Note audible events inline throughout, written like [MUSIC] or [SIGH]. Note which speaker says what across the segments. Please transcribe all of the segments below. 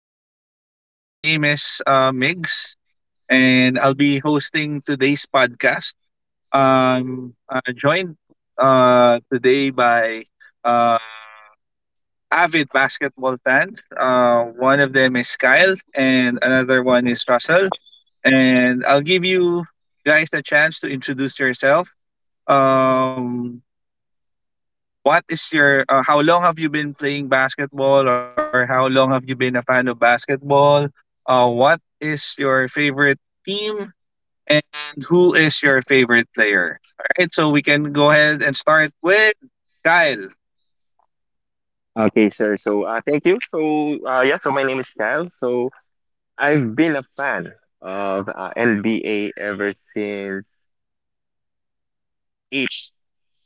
Speaker 1: everyone. So, my name is Migs, and I'll be hosting today's podcast. Joined today by uh, avid basketball fans. One of them is Kyle, and another one is Russell. And I'll give you guys a chance to introduce yourself. Um, What is your how long have you been playing basketball or how long have you been a fan of basketball? What is your favorite team and who is your favorite player? All right, so we can go ahead and start with Kyle.
Speaker 2: Okay, sir. So, thank you. So, yeah, so my name is Kyle. So, I've been a fan of NBA ever since eight,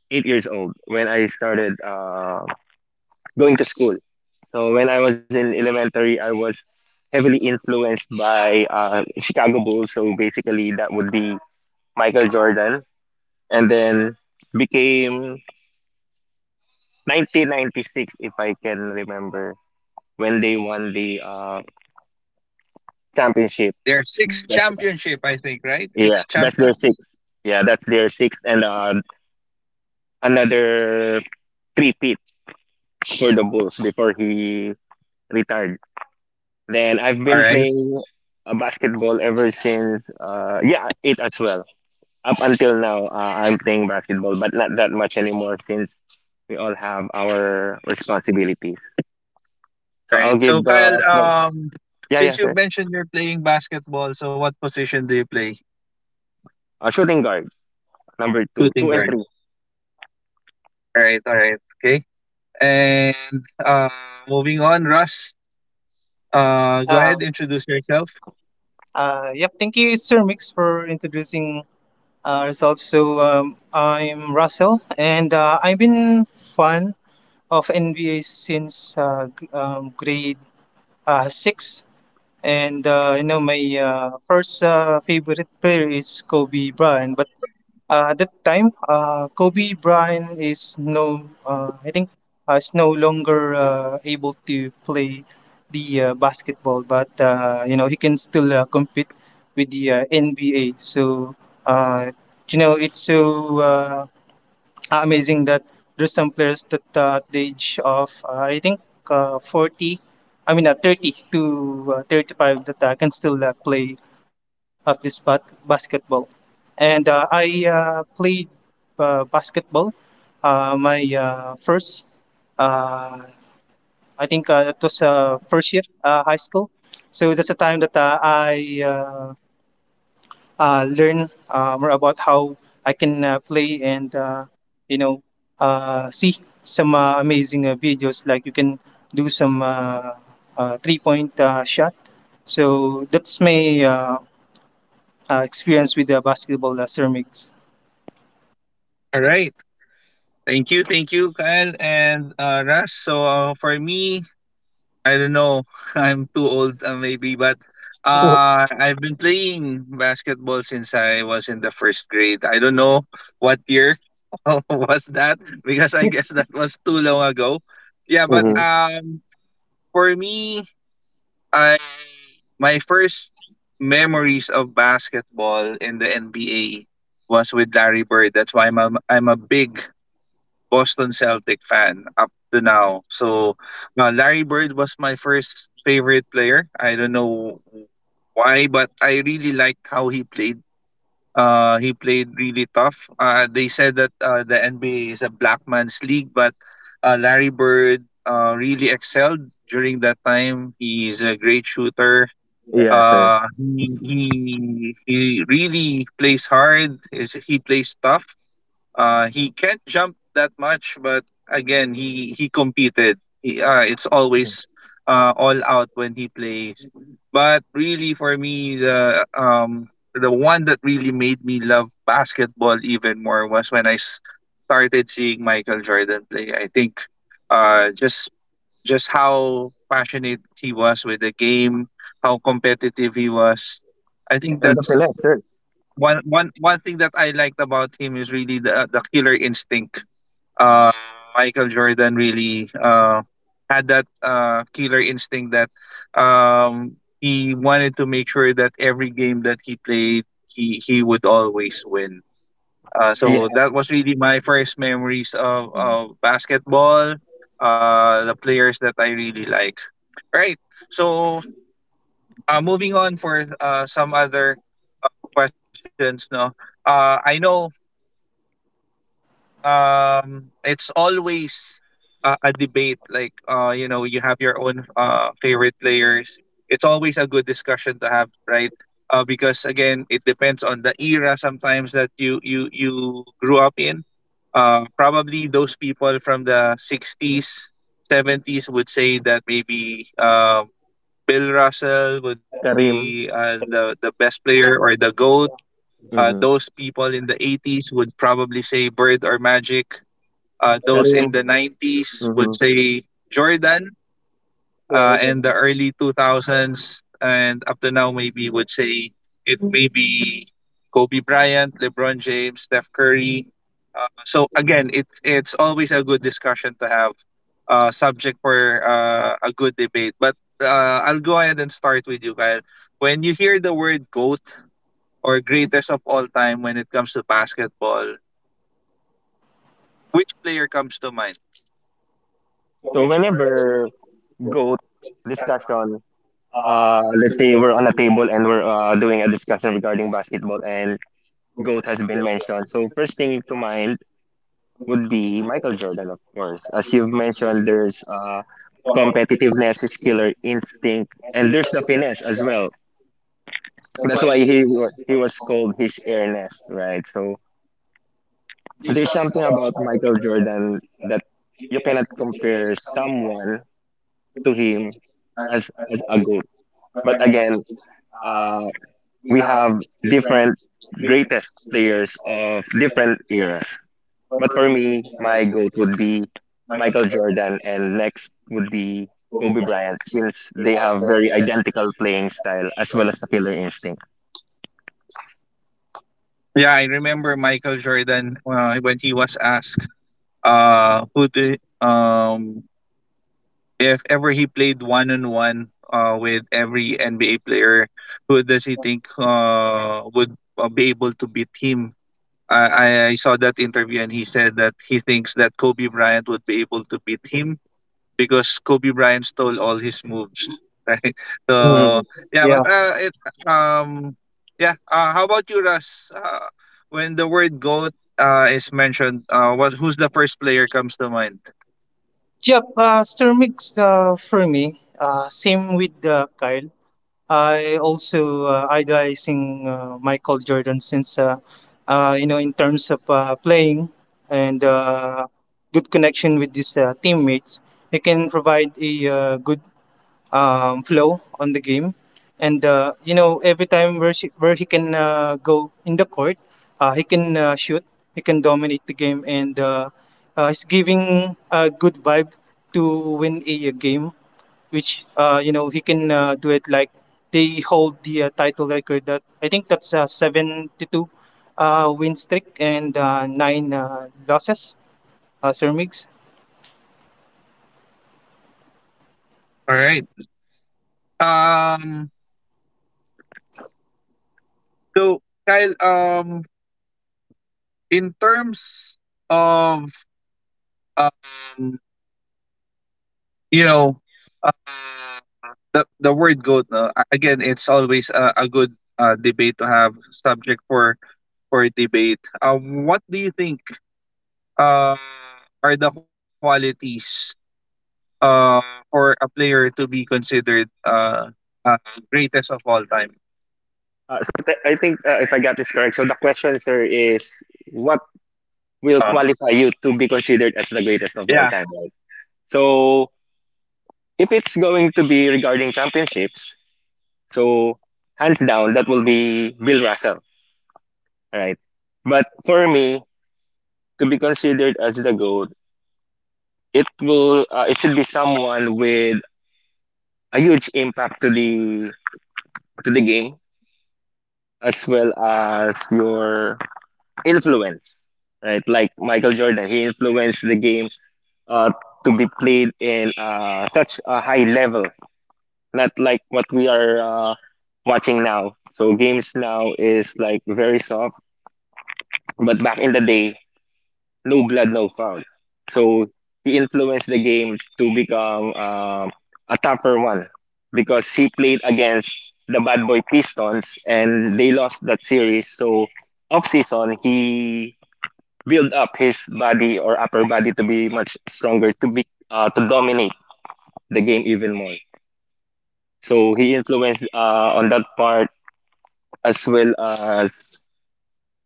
Speaker 2: 8 years old when I started going to school. So, when I was in elementary, I was heavily influenced by Chicago Bulls. So, basically, that would be Michael Jordan. And then became 1996, if I can remember, when they won the championship.
Speaker 1: There's six championship, I think, right?
Speaker 2: Yeah,
Speaker 1: Six
Speaker 2: that's their sixth.
Speaker 1: champion.
Speaker 2: Yeah, that's their sixth and another 3 feet for the Bulls before he retired. Then I've
Speaker 1: All
Speaker 2: been
Speaker 1: right,
Speaker 2: playing basketball ever since. Yeah, it as well. Up until now, I'm playing basketball, but not that much anymore since we all have our responsibilities. So
Speaker 1: all right.
Speaker 2: I'll give
Speaker 1: So Kyle,
Speaker 2: the floor. Yeah, yeah,
Speaker 1: since you
Speaker 2: sir.
Speaker 1: mentioned you're playing basketball, so what position do you play?
Speaker 2: Shooting guard number two, two
Speaker 1: Shooting
Speaker 2: and
Speaker 1: guard.
Speaker 2: three.
Speaker 1: All right, okay. And moving on, Russ. Go
Speaker 3: Uh,
Speaker 1: ahead, introduce yourself.
Speaker 3: yep, thank you, Sir Mix, for introducing yourself. So, I'm Russell, and I've been fan of NBA since grade six. And my first favorite player is Kobe Bryant. But at that time, Kobe Bryant is no, I think, is no longer able to play the basketball, but you know he can still compete with the NBA. So uh, you know it's so amazing that there's some players that at the age of I think 40, I mean 30 to 35 that can still play of this basketball. And I played basketball. My first, uh, I think it was first year high school. So that's the time that I learn more about how I can play and you know see some amazing videos, like you can do some 3-point shot. So that's my experience with the basketball, ceramics.
Speaker 1: All right. Thank you. Thank you, Kyle and Russ. So for me, I don't know. [LAUGHS] I'm too old maybe, but
Speaker 2: [LAUGHS]
Speaker 1: I've been playing basketball since I was in the first grade. I don't know what year [LAUGHS] was that because I guess that was too long ago. Yeah, but
Speaker 3: [LAUGHS]
Speaker 2: Mm-hmm.
Speaker 1: for me, my first memories of basketball in the NBA was with Larry Bird. That's why I'm a big Boston Celtic fan up to now. So Larry Bird was my first favorite player. I don't know why, but I really liked how he played. He played really tough. They said that the NBA is a black man's league, but Larry Bird really excelled during that time. He's a great shooter,
Speaker 2: Yeah, sir.
Speaker 1: he really plays hard. Is he plays tough. He can't jump that much, but again, he competed. He, it's always all out when he plays. But really, for me, the one that really made me love basketball even more was when started seeing Michael Jordan play. I think uh just just how passionate he was with the game, how competitive he was. I think
Speaker 2: And the
Speaker 1: that's
Speaker 2: finesse, sir.
Speaker 1: one thing that I liked about him is really the killer instinct. Uh, Michael Jordan really had that killer instinct that he wanted to make sure that every game that he played, he would always win.
Speaker 2: Yeah.
Speaker 1: So that was really my first memories of basketball, the players that I really like. Right. So, moving on for some other questions. No, I know it's always a debate. Like, you know, you have your own favorite players. It's always a good discussion to have, right? Because again, it depends on the era sometimes that you grew up in. Probably those people from the '60s, '70s would say that maybe Bill Russell would be
Speaker 2: Karim.
Speaker 1: the best player or the goat. Those
Speaker 2: Hmm.
Speaker 1: people in the '80s would probably say Bird or Magic. Those in
Speaker 2: Karim.
Speaker 1: the '90s would
Speaker 2: Hmm.
Speaker 1: say Jordan. And the early 2000s and up to now maybe would say it may be Kobe Bryant, LeBron James, Steph Curry. So again, it's always a good discussion to have, subject for a good debate. But I'll go ahead and start with you, Kyle. When you hear the word GOAT or greatest of all time when it comes to basketball, which player comes to mind?
Speaker 2: So whenever go discussion, let's say we're on a table and we're doing a discussion regarding basketball and GOAT has been mentioned. So first thing to mind would be Michael Jordan, of course. As you've mentioned, there's competitiveness, his killer instinct, and there's the finesse as well. That's why he was called his air nest, right? So there's something about Michael Jordan that you cannot compare someone to him as a goat. But again, uh, we have different greatest players of different eras. But for me, my goat would be Michael Jordan, and next would be Kobe Bryant, since they have very identical playing style as well as the killer instinct.
Speaker 1: Yeah, I remember Michael Jordan when he was asked who if ever he played one on one with every NBA player, who does he think would be able to beat him? I saw that interview and he said that he thinks that Kobe Bryant would be able to beat him because Kobe Bryant stole all his moves. [LAUGHS] Right. So
Speaker 2: Mhm.
Speaker 1: yeah,
Speaker 3: Yeah.
Speaker 1: but it um yeah. How about you, Russ? When the word goat is mentioned, what who's the first player comes to mind?
Speaker 3: Yep. Ceramics, for me, same with Kyle. I also idolizing Michael Jordan since in terms of playing and good connection with his teammates, he can provide a good flow on the game, and every time where he can go in the court. He can shoot, he can dominate the game, and he's giving a good vibe to win a game, which you know he can do it like they hold the title record that I think that's 72 win streak and 9 losses. Sir Mix.
Speaker 1: All right. Um. So Kyle, in terms of um, you know. The word goat, no, a- again it's always a good debate to have, subject for debate, what do you think uh, are the qualities uh, for a player to be considered uh, greatest of all time?
Speaker 2: So I think if I got this correct, so the question, sir, is what will qualify
Speaker 1: um,
Speaker 2: you to be considered as the greatest of all time,
Speaker 1: yeah,
Speaker 2: right? So if it's going to be regarding championships, so hands down, that will be Bill Russell, right? But for me, to be considered as the GOAT, it should be someone with a huge impact to the game as well as your influence, right? Like Michael Jordan, he influenced the game uh, to be played in such a high level, not like what we are watching now. So games now is like very soft, but back in the day, no blood, no foul. So he influenced the game to become a tougher one because he played against the Bad Boy Pistons and they lost that series. So off season, he built up his body or upper body to be much stronger to dominate the game even more. So he influenced on that part as well as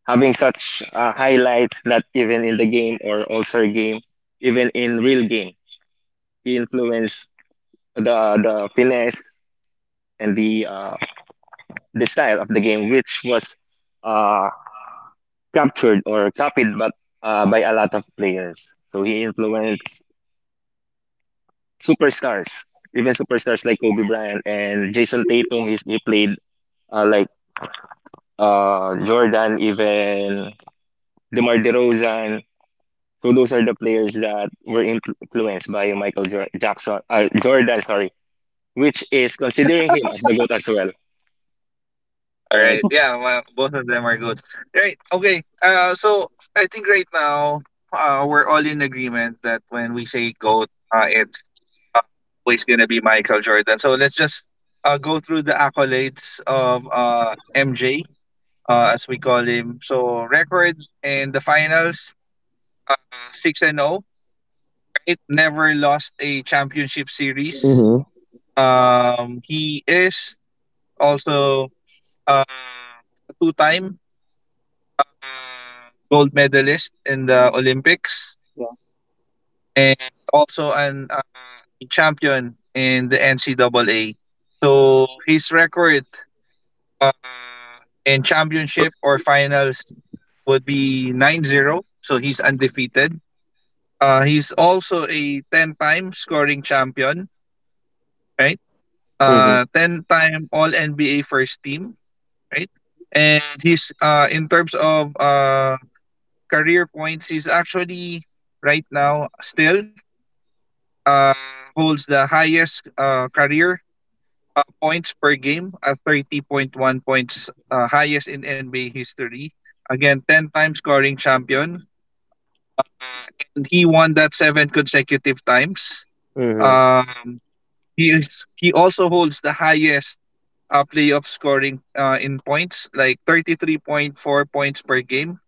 Speaker 2: having such highlights not even in the game or all-star game, even in real game. He influenced the finesse and the style of the game, which was uh, captured or copied but by a lot of players. So he influenced superstars, even superstars like Kobe Bryant and Jason Tatum. He played like Jordan, even DeMar DeRozan. So those are the players that were influenced by Michael Jackson, Jordan, sorry, which is considering him as the GOAT as well,
Speaker 1: all right.
Speaker 2: right?
Speaker 1: Yeah, well, both of them are good, right? Okay, so I think right now we're all in agreement that when we say goat it's uh, always gonna be Michael Jordan. So let's just go through the accolades of MJ, as we call him. So record in the finals, uh, six and zero. It never lost a championship series. He is also a two-time gold medalist in the Olympics. And also an champion in the NCAA. So his record uh, in championship or finals would be 9-0. So he's undefeated. He's also a 10-time scoring champion, right?
Speaker 2: Hmm.
Speaker 1: 10-time All-NBA first team, right? And he's in terms of career points, he's actually right now still uh, holds the highest career points per game at 30.1 points, highest in NBA history. Again, 10 time scoring champion. Uh, and he won that seven consecutive times.
Speaker 2: Hmm.
Speaker 1: Um, he also holds the highest playoff scoring in points, like 33.4 points per game.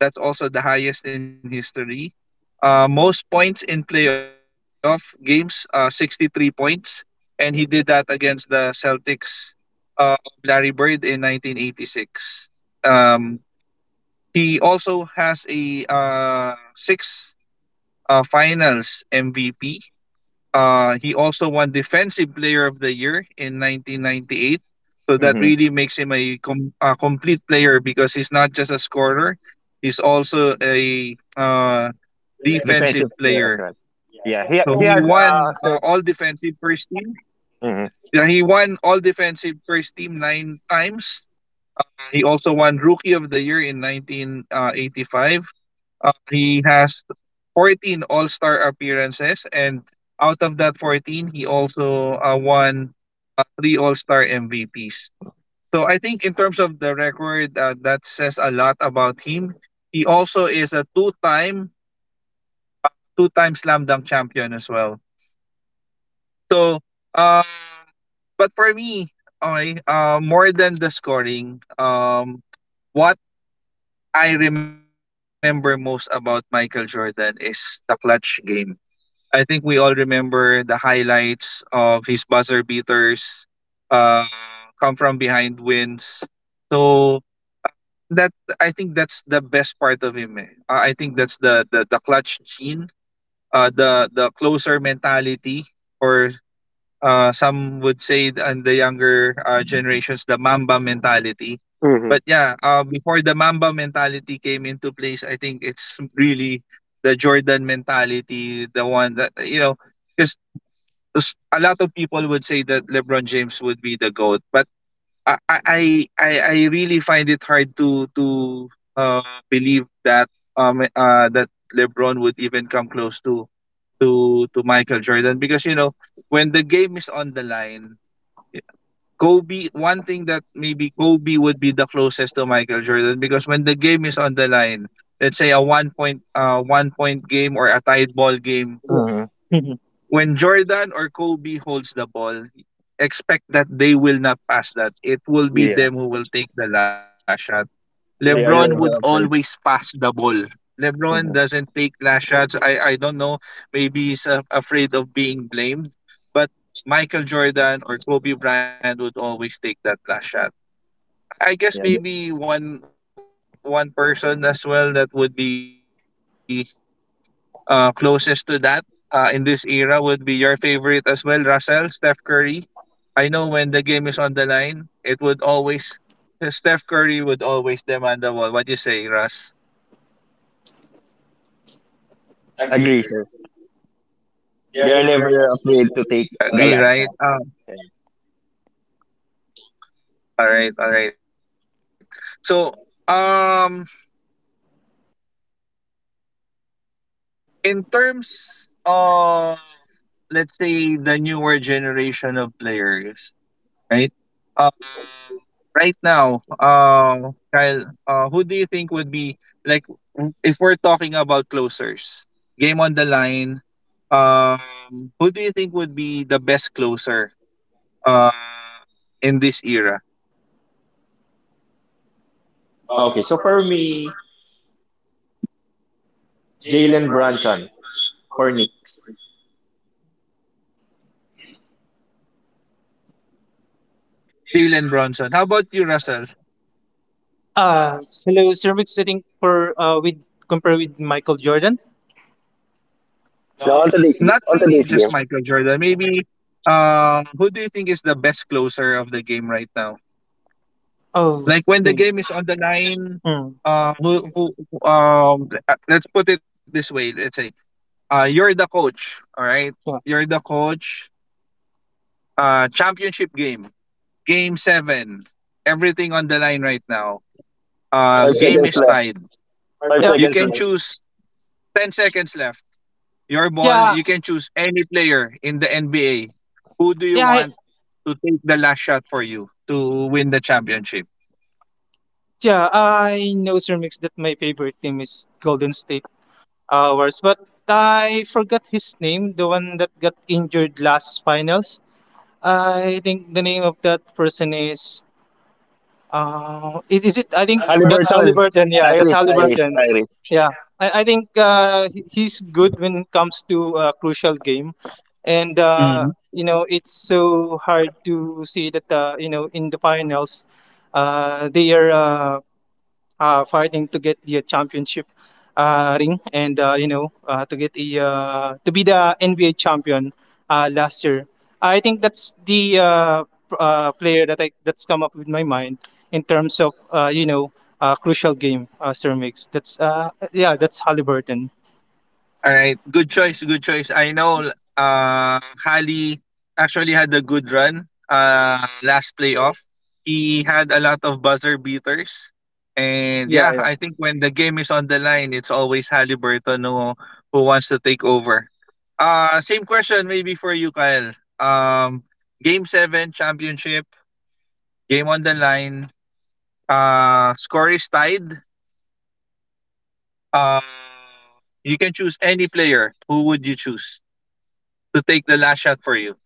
Speaker 1: That's also the highest in history. Most points in playoff games, 63 points. And he did that against the Celtics of Larry Bird in 1986. Um, he also has a six finals MVP. He also won Defensive Player of the Year in 1998. So that
Speaker 2: Hmm.
Speaker 1: really makes him a complete player because he's not just a scorer, he's also a
Speaker 2: Defensive
Speaker 1: defensive
Speaker 2: player as well.
Speaker 1: player. So he
Speaker 2: Yeah, he
Speaker 1: won
Speaker 2: he has
Speaker 1: all
Speaker 2: uh,
Speaker 1: defensive first team. Yeah,
Speaker 2: hmm
Speaker 1: he won all defensive first team nine times. He also won Rookie of the Year in 1985. He has 14 All-Star appearances, and out of that 14, he also won three All-Star MVPs. So I think in terms of the record, that says a lot about him. He also is two-time slam dunk champion as well. So, uh, but for me, okay, more than the scoring, what I remember most about Michael Jordan is the clutch game. I think we all remember the highlights of his buzzer beaters, uh, come from behind wins. So that, I think that's the best part of him. Eh. I think that's the clutch gene, the closer mentality, or some would say th- and the younger generations the Mamba mentality. But yeah, before the Mamba mentality came into place, I think it's really the Jordan mentality, the one that you know. Because a lot of people would say that LeBron James would be the goat, but I I I, I really find it hard to uh, believe that that LeBron would even come close to Michael Jordan because you know when the game is on the line. eh, Kobe, one thing that maybe Kobe would be the closest to Michael Jordan because when the game is on the line, let's say a 1-point game or a tied ball game,
Speaker 2: hmm
Speaker 1: when Jordan or Kobe holds the ball, expect that they will not pass that. It will be
Speaker 2: yeah,
Speaker 1: them who will take the last shot. LeBron
Speaker 2: they are
Speaker 1: would
Speaker 2: never
Speaker 1: always
Speaker 2: afraid.
Speaker 1: pass the ball. LeBron
Speaker 2: Hmm.
Speaker 1: doesn't take last shots. I don't know. Maybe he's afraid of being blamed. But Michael Jordan or Kobe Bryant would always take that last shot. I guess
Speaker 2: Yeah,
Speaker 1: maybe one one person as well that would be closest to that in this era would be your favorite as well, Russell, Steph Curry. I know when the game is on the line, it would always, Steph Curry would always demand the ball. What you say, Russ?
Speaker 2: agree, sir. They are never afraid to take the last
Speaker 1: Agree,
Speaker 2: shot.
Speaker 1: right?
Speaker 2: Yeah.
Speaker 1: All right, all right. So, um, in terms of, let's say, the newer generation of players, right? Um, right now, Kyle, who do you think would be, like, if we're talking about closers, game on the line, who do you think would be the best closer uh, in this era?
Speaker 2: Okay, so for me, Jalen Brunson for Knicks.
Speaker 1: Jalen Bronson. How about you, Russell?
Speaker 3: Uh, Hello, Sir Mix. I think for with compare with Michael Jordan.
Speaker 2: Now on today's game,
Speaker 1: Not really just Michael Jordan. Maybe who do you think is the best closer of the game right now?
Speaker 3: Oh,
Speaker 1: Like when the
Speaker 3: okay.
Speaker 1: game is on the line,
Speaker 3: Mm,
Speaker 1: let's put it this way. Let's say you're the coach, all right?
Speaker 3: yeah.
Speaker 1: You're the coach. Championship game, game seven. Everything on the line right now.
Speaker 2: five
Speaker 1: Game
Speaker 2: seconds
Speaker 1: is
Speaker 2: left.
Speaker 1: tied.
Speaker 2: Five
Speaker 3: Yep.
Speaker 1: You
Speaker 2: seconds
Speaker 1: can
Speaker 2: left.
Speaker 1: choose 10 seconds left. Your ball,
Speaker 3: Yeah,
Speaker 1: you can choose any player in the NBA. Who do you
Speaker 3: yeah,
Speaker 1: want to take the last shot for you to win the championship?
Speaker 3: yeah. I know, Sir Mix, that my favorite team is Golden State Hours, but I forgot his name, the one that got injured last finals. I think the name of that person is is it, I think that's
Speaker 2: Halliburton.
Speaker 3: Halliburton. Yeah, that's
Speaker 2: Tyrese, Tyrese,
Speaker 3: Halliburton.
Speaker 2: Tyrese.
Speaker 3: Yeah. I think he's good when it comes to a crucial game. And it's so hard to see that, in the finals they are fighting to get the championship ring and to get a to be the NBA champion last year. I think that's the player that, that's come up with my mind in terms of crucial game, Sir Mix. That's, yeah, that's Halliburton.
Speaker 1: All right. Good choice. Good choice. I know Halley actually had a good run last playoff. He had a lot of buzzer beaters. And yeah, I think when the game is on the line, it's always Halliburton who wants to take over. Same question maybe for you, Kyle. Game seven championship, game on the line, score is tied. Uh you can choose any player. Who would you choose to take the last shot for you?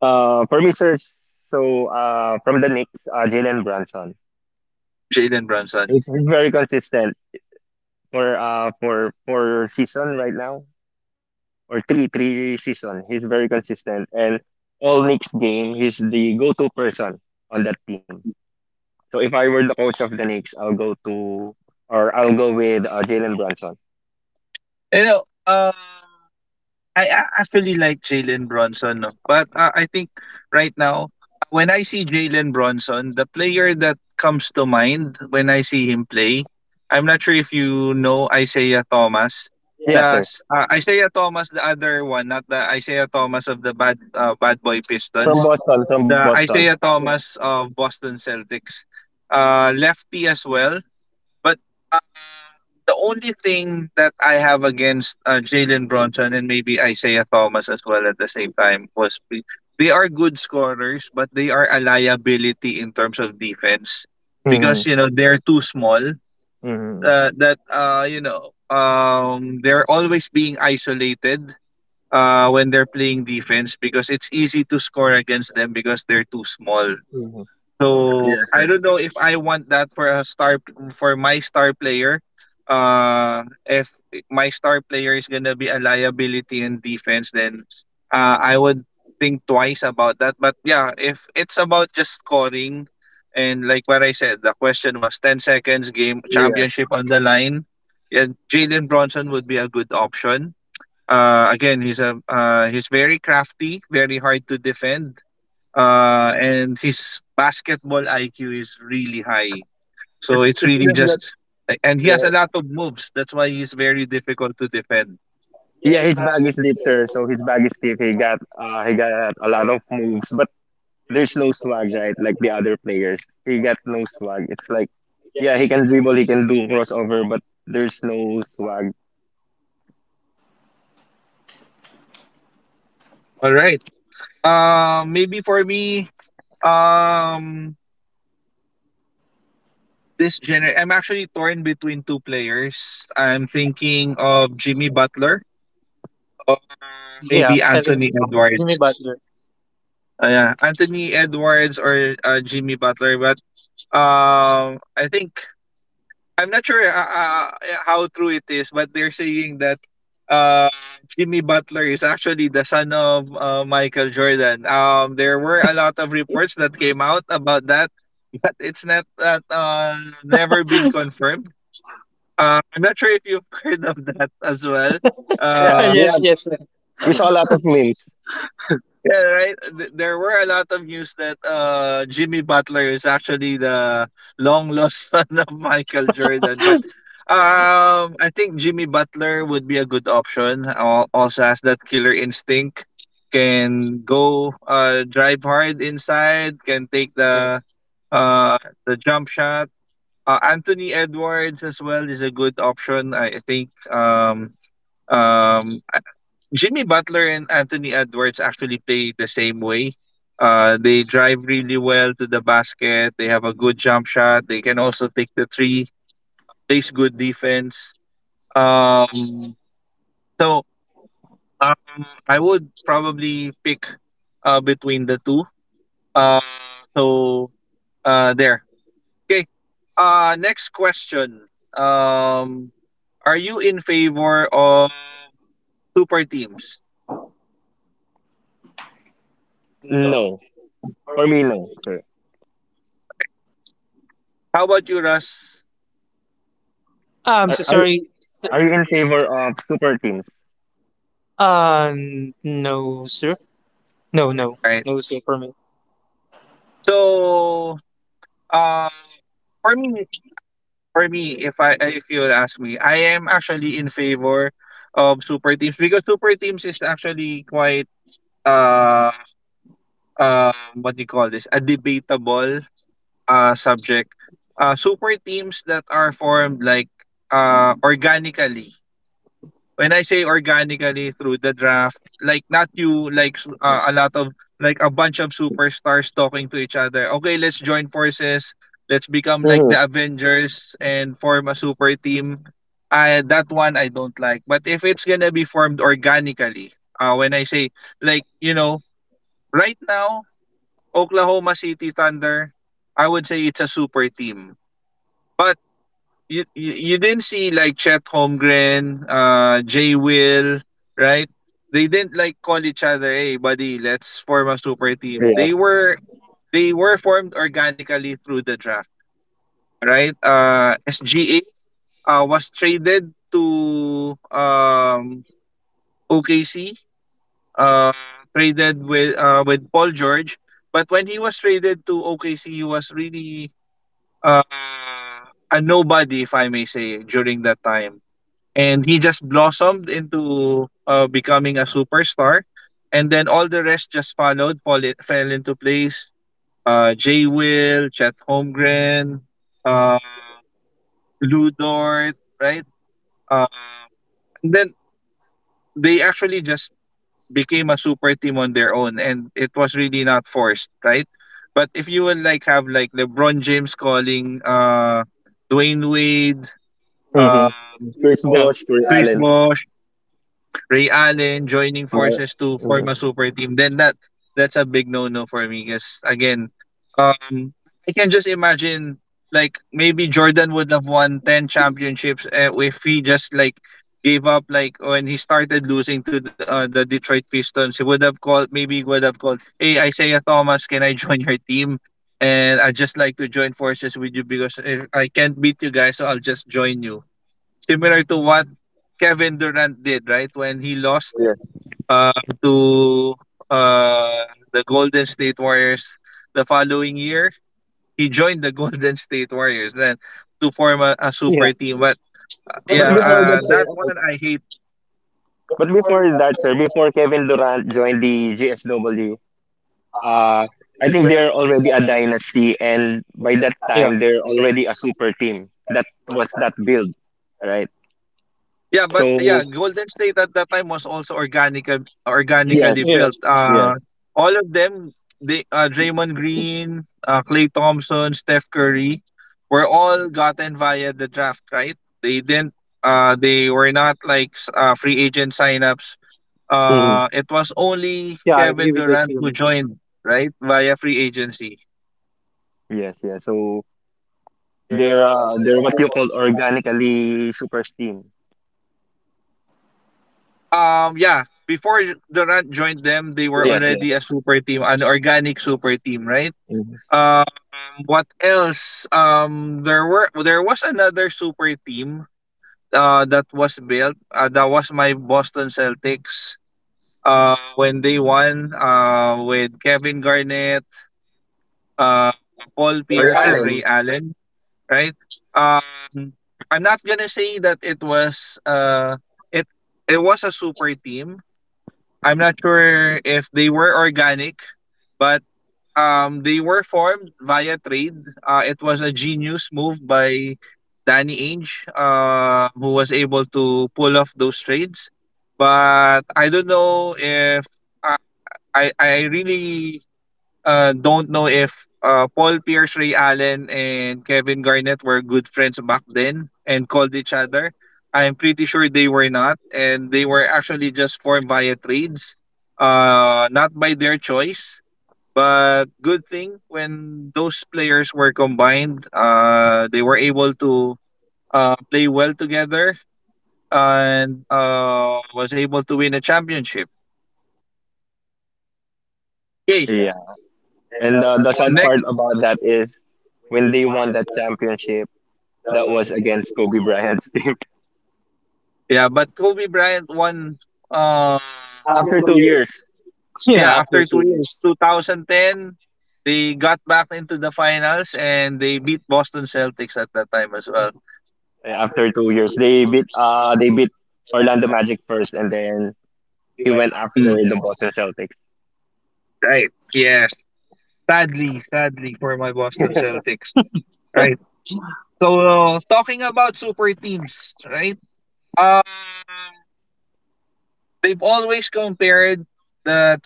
Speaker 2: For me, sir, from the Knicks, Jalen Brunson.
Speaker 1: Jalen Brunson.
Speaker 2: He's very consistent for season right now or three season. He's very consistent and all Knicks game, he's the go-to person on that team. So if I were the coach of the Knicks, I'll go with Jalen Brunson.
Speaker 1: You know, I actually like Jalen Brunson, no? But I think right now, when I see Jalen Brunson, the player that comes to mind when I see him play, I'm not sure if you know Isaiah Thomas.
Speaker 2: Yeah, sir.
Speaker 1: Isaiah Thomas, the other one, not the Isaiah Thomas of the bad boy
Speaker 2: From
Speaker 1: Pistons,
Speaker 2: Boston, from
Speaker 1: the
Speaker 2: Boston.
Speaker 1: Isaiah Thomas of Boston Celtics, lefty as well. But the only thing that I have against Jalen Bronson and maybe Isaiah Thomas as well at the same time they are good scorers, but they are a liability in terms of defense
Speaker 2: Mm-hmm.
Speaker 1: because you know they're too small.
Speaker 2: Mm-hmm.
Speaker 1: That you know they're always being isolated when they're playing defense because it's easy to score against them because they're too small.
Speaker 2: Mm-hmm.
Speaker 1: So
Speaker 2: Yes,
Speaker 1: I
Speaker 2: sir.
Speaker 1: don't know if I want that for my star player. If my star player is gonna be a liability in defense, then I would think twice about that. But yeah, if it's about just scoring, and like what I said, the question was 10 seconds, game
Speaker 2: Yes.
Speaker 1: championship on the line. Yeah, Jalen Bronson would be a good option. Again, he's very crafty, very hard to defend, and his basketball IQ is really high. So
Speaker 2: It's
Speaker 1: it's
Speaker 2: it's
Speaker 1: really
Speaker 2: just that.
Speaker 1: just, and he has
Speaker 2: Yeah,
Speaker 1: a lot of moves. That's why he's very difficult to defend.
Speaker 2: yeah, his bag is deep, sir. So his bag is deep. He got a lot of moves, but there's no swag, right? Like the other players, he got no swag. It's like, yeah, he can dribble, he can do crossover, but there's no swag.
Speaker 1: All right. Maybe for me, um, I'm actually torn between two players. I'm thinking of Jimmy Butler or
Speaker 3: Yeah,
Speaker 1: maybe
Speaker 3: I think
Speaker 1: Anthony Edwards.
Speaker 3: Jimmy Butler.
Speaker 1: Yeah, Anthony Edwards or Jimmy Butler, but um, I think I'm not sure, how true it is, but they're saying that uh, Jimmy Butler is actually the son of Michael Jordan. There were a lot of reports that came out about that, but it's not that never been confirmed. I'm not sure if you've [LAUGHS] heard of that as well.
Speaker 3: [LAUGHS]
Speaker 2: Yeah,
Speaker 1: Uh,
Speaker 3: Yes, yes, sir.
Speaker 2: we saw a lot of memes.
Speaker 1: Yeah, right. There were a lot of news that Jimmy Butler is actually the long lost [LAUGHS] son of Michael Jordan, but I think Jimmy Butler would be a good option. Also has that killer instinct, can go drive hard inside, can take uh, the jump shot. Anthony Edwards as well is a good option. I think um, Jimmy Butler and Anthony Edwards actually play the same way. They drive really well to the basket. They have a good jump shot. They can also take the three. Plays good defense. Um, so I would probably pick between the two. Uh, so there. Okay. Next question. Um, are you in favor of super teams?
Speaker 2: No, for me, no, sir.
Speaker 1: How about you, Russ?
Speaker 3: I'm
Speaker 2: Are
Speaker 3: so
Speaker 2: are,
Speaker 3: sorry, sir.
Speaker 2: are you in favor of super teams?
Speaker 3: Uh, no, sir. No, no,
Speaker 1: All right.
Speaker 3: no, sir. For me,
Speaker 1: So uh, For me, if you would ask me, I am actually in favor of super teams because super teams is actually quite, uh what do you call this, a debatable subject. Super teams that are formed like organically, when I say organically through the draft, like not you, a lot of like a bunch of superstars talking to each other. Okay, let's join forces. Let's become like
Speaker 2: Mm-hmm.
Speaker 1: the Avengers and form a super team. I That one I don't like. But if it's gonna be formed organically, when I say like right now Oklahoma City Thunder, I would say it's a super team. But you didn't see like Chet Holmgren, Jay Will, right? They didn't like call each other, "Hey, buddy, let's form a super team."
Speaker 2: Yes.
Speaker 1: They were formed organically through the draft, right? SGA was traded to OKC, uh, traded with Paul George, but when he was traded to OKC, he was really uh a nobody, if I may say, during that time and he just blossomed into becoming a superstar and then all the rest just fell into place, Jay Will, Chet Holmgren, uh Lou Dort, right? Uh, and then they actually just became a super team on their own and it was really not forced, right? But if you will have like LeBron James calling Dwayne Wade,
Speaker 2: Mm-hmm.
Speaker 1: um
Speaker 2: Chris
Speaker 3: no.
Speaker 2: Bosh, Corey
Speaker 1: Chris
Speaker 2: Allen,
Speaker 1: Bosh, Ray Allen joining
Speaker 2: my.
Speaker 1: forces to
Speaker 2: Mm-hmm.
Speaker 1: form a super team, then that's a big no no for me. Because again, um, I can just imagine like maybe Jordan would have won 10 championships, eh, if he just like gave up. Like when he started losing to the Detroit Pistons, he would have called. Maybe he would have called, "Hey, Isaiah Thomas, can I join your team?" And I just like to join forces with you because if I can't beat you guys, so I'll just join you. Similar to what Kevin Durant did, right? When he lost
Speaker 2: Yes.
Speaker 1: uh, to uh, the Golden State Warriors the following year, he joined the [LAUGHS] Golden State Warriors then to form a super team. But
Speaker 2: But
Speaker 1: yeah,
Speaker 2: before that,
Speaker 1: that one
Speaker 2: sir,
Speaker 1: I hate.
Speaker 2: But before that, sir, before Kevin Durant joined the GSW, uh, I think they're already a dynasty, and by that time, they're already a super team. That was that build, right?
Speaker 1: Yeah, but
Speaker 2: So
Speaker 1: yeah, Golden State at that time was also organically
Speaker 2: yes,
Speaker 1: built.
Speaker 2: yes.
Speaker 1: All of them, they Draymond Green, Clay Thompson, Steph Curry, were all gotten via the draft, right? They didn't. They were not like free agent signups.
Speaker 2: Mhm.
Speaker 1: It was only
Speaker 3: Yeah, I agree
Speaker 1: Kevin
Speaker 3: with the
Speaker 1: Durant who joined, right, via free agency.
Speaker 2: Yes, yes. So they're what you call organically super team.
Speaker 1: Yeah, before Durant joined them, they were
Speaker 2: Yes,
Speaker 1: already a
Speaker 2: yes.
Speaker 1: super team, an organic super team, right?
Speaker 2: Mhm.
Speaker 1: Um, what else? There was another super team that was built. That was my Boston Celtics. When they won, with Kevin Garnett, Paul Pierce,
Speaker 2: Ray
Speaker 1: and Ray
Speaker 2: Allen.
Speaker 1: Allen, right? Um, I'm not gonna say that it it was a super team. I'm not sure if they were organic, but they were formed via trade. It was a genius move by Danny Ainge, who was able to pull off those trades. But I don't know if I I really don't know if Paul Pierce, Ray Allen, and Kevin Garnett were good friends back then and called each other. I'm pretty sure they were not, and they were actually just formed via trades, not by their choice, but good thing when those players were combined, they were able to play well together and was able to win a championship. Yes,
Speaker 2: Yeah, and the sad part
Speaker 1: next.
Speaker 2: about that is when they won that championship, that was against Kobe Bryant's team [LAUGHS]
Speaker 1: Yeah, but Kobe Bryant won. Uh,
Speaker 2: after 2 years.
Speaker 3: [LAUGHS] Yeah,
Speaker 1: yeah,
Speaker 3: after
Speaker 1: after
Speaker 3: two
Speaker 1: 2 years,
Speaker 3: years.
Speaker 1: 2010, they got back into the finals and they beat Boston Celtics at that time as well.
Speaker 2: After 2 years, they beat Orlando Magic first and then he went after
Speaker 1: Mm,
Speaker 2: the Boston Celtics.
Speaker 1: right. Yes. Sadly, sadly for my Boston Celtics. Right. So, talking about super teams, right? Um, they've always compared the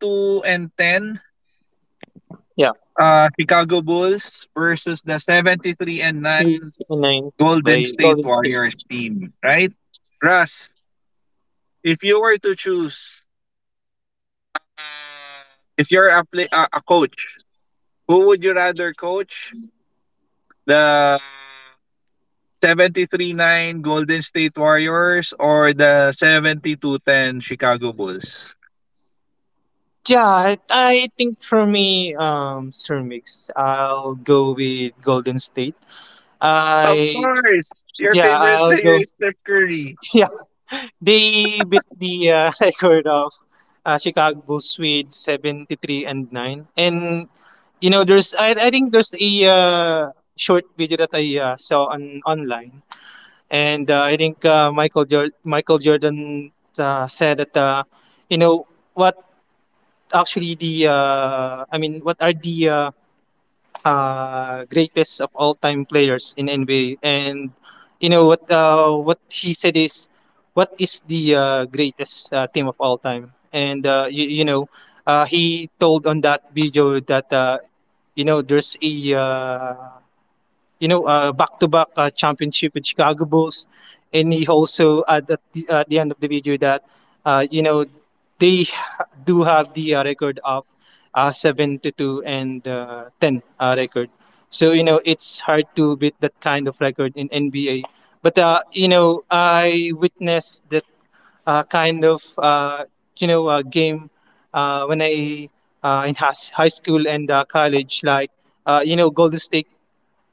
Speaker 1: two and ten
Speaker 3: Yeah,
Speaker 1: Chicago Bulls versus the seventy three and
Speaker 3: three
Speaker 1: nine
Speaker 3: and nine
Speaker 1: Golden
Speaker 3: by
Speaker 1: State
Speaker 3: Golden State.
Speaker 1: Warriors team, right? Russ, if you were to choose, uh, if you're a coach, who would you rather coach? The 73-9 Golden State Warriors or the 72-10 Chicago Bulls?
Speaker 3: Yeah, I think for me, Sir Mix, I'll go with Golden State.
Speaker 1: Of
Speaker 3: I
Speaker 1: course, your
Speaker 3: Yeah,
Speaker 1: favorite
Speaker 3: I'll
Speaker 1: player
Speaker 3: go.
Speaker 1: is
Speaker 3: [LAUGHS]
Speaker 1: Steph Curry.
Speaker 3: Yeah, they beat the [LAUGHS] record of Chicago Bulls with 73 and nine. And you know, there's I think there's a short video that I saw on online. And I think Michael Jordan said that, you know what actually the I mean, what are the greatest of all time players in NBA. And you know what he said is, what is the greatest team of all time. And he told on that video that, there's a, back-to-back championship with Chicago Bulls, and he also at the end of the video that, uh, you know, they do have the record of seven to two and ten record. So you know, it's hard to beat that kind of record in NBA. But I witnessed that kind of game, when I in high school and college, like, Golden State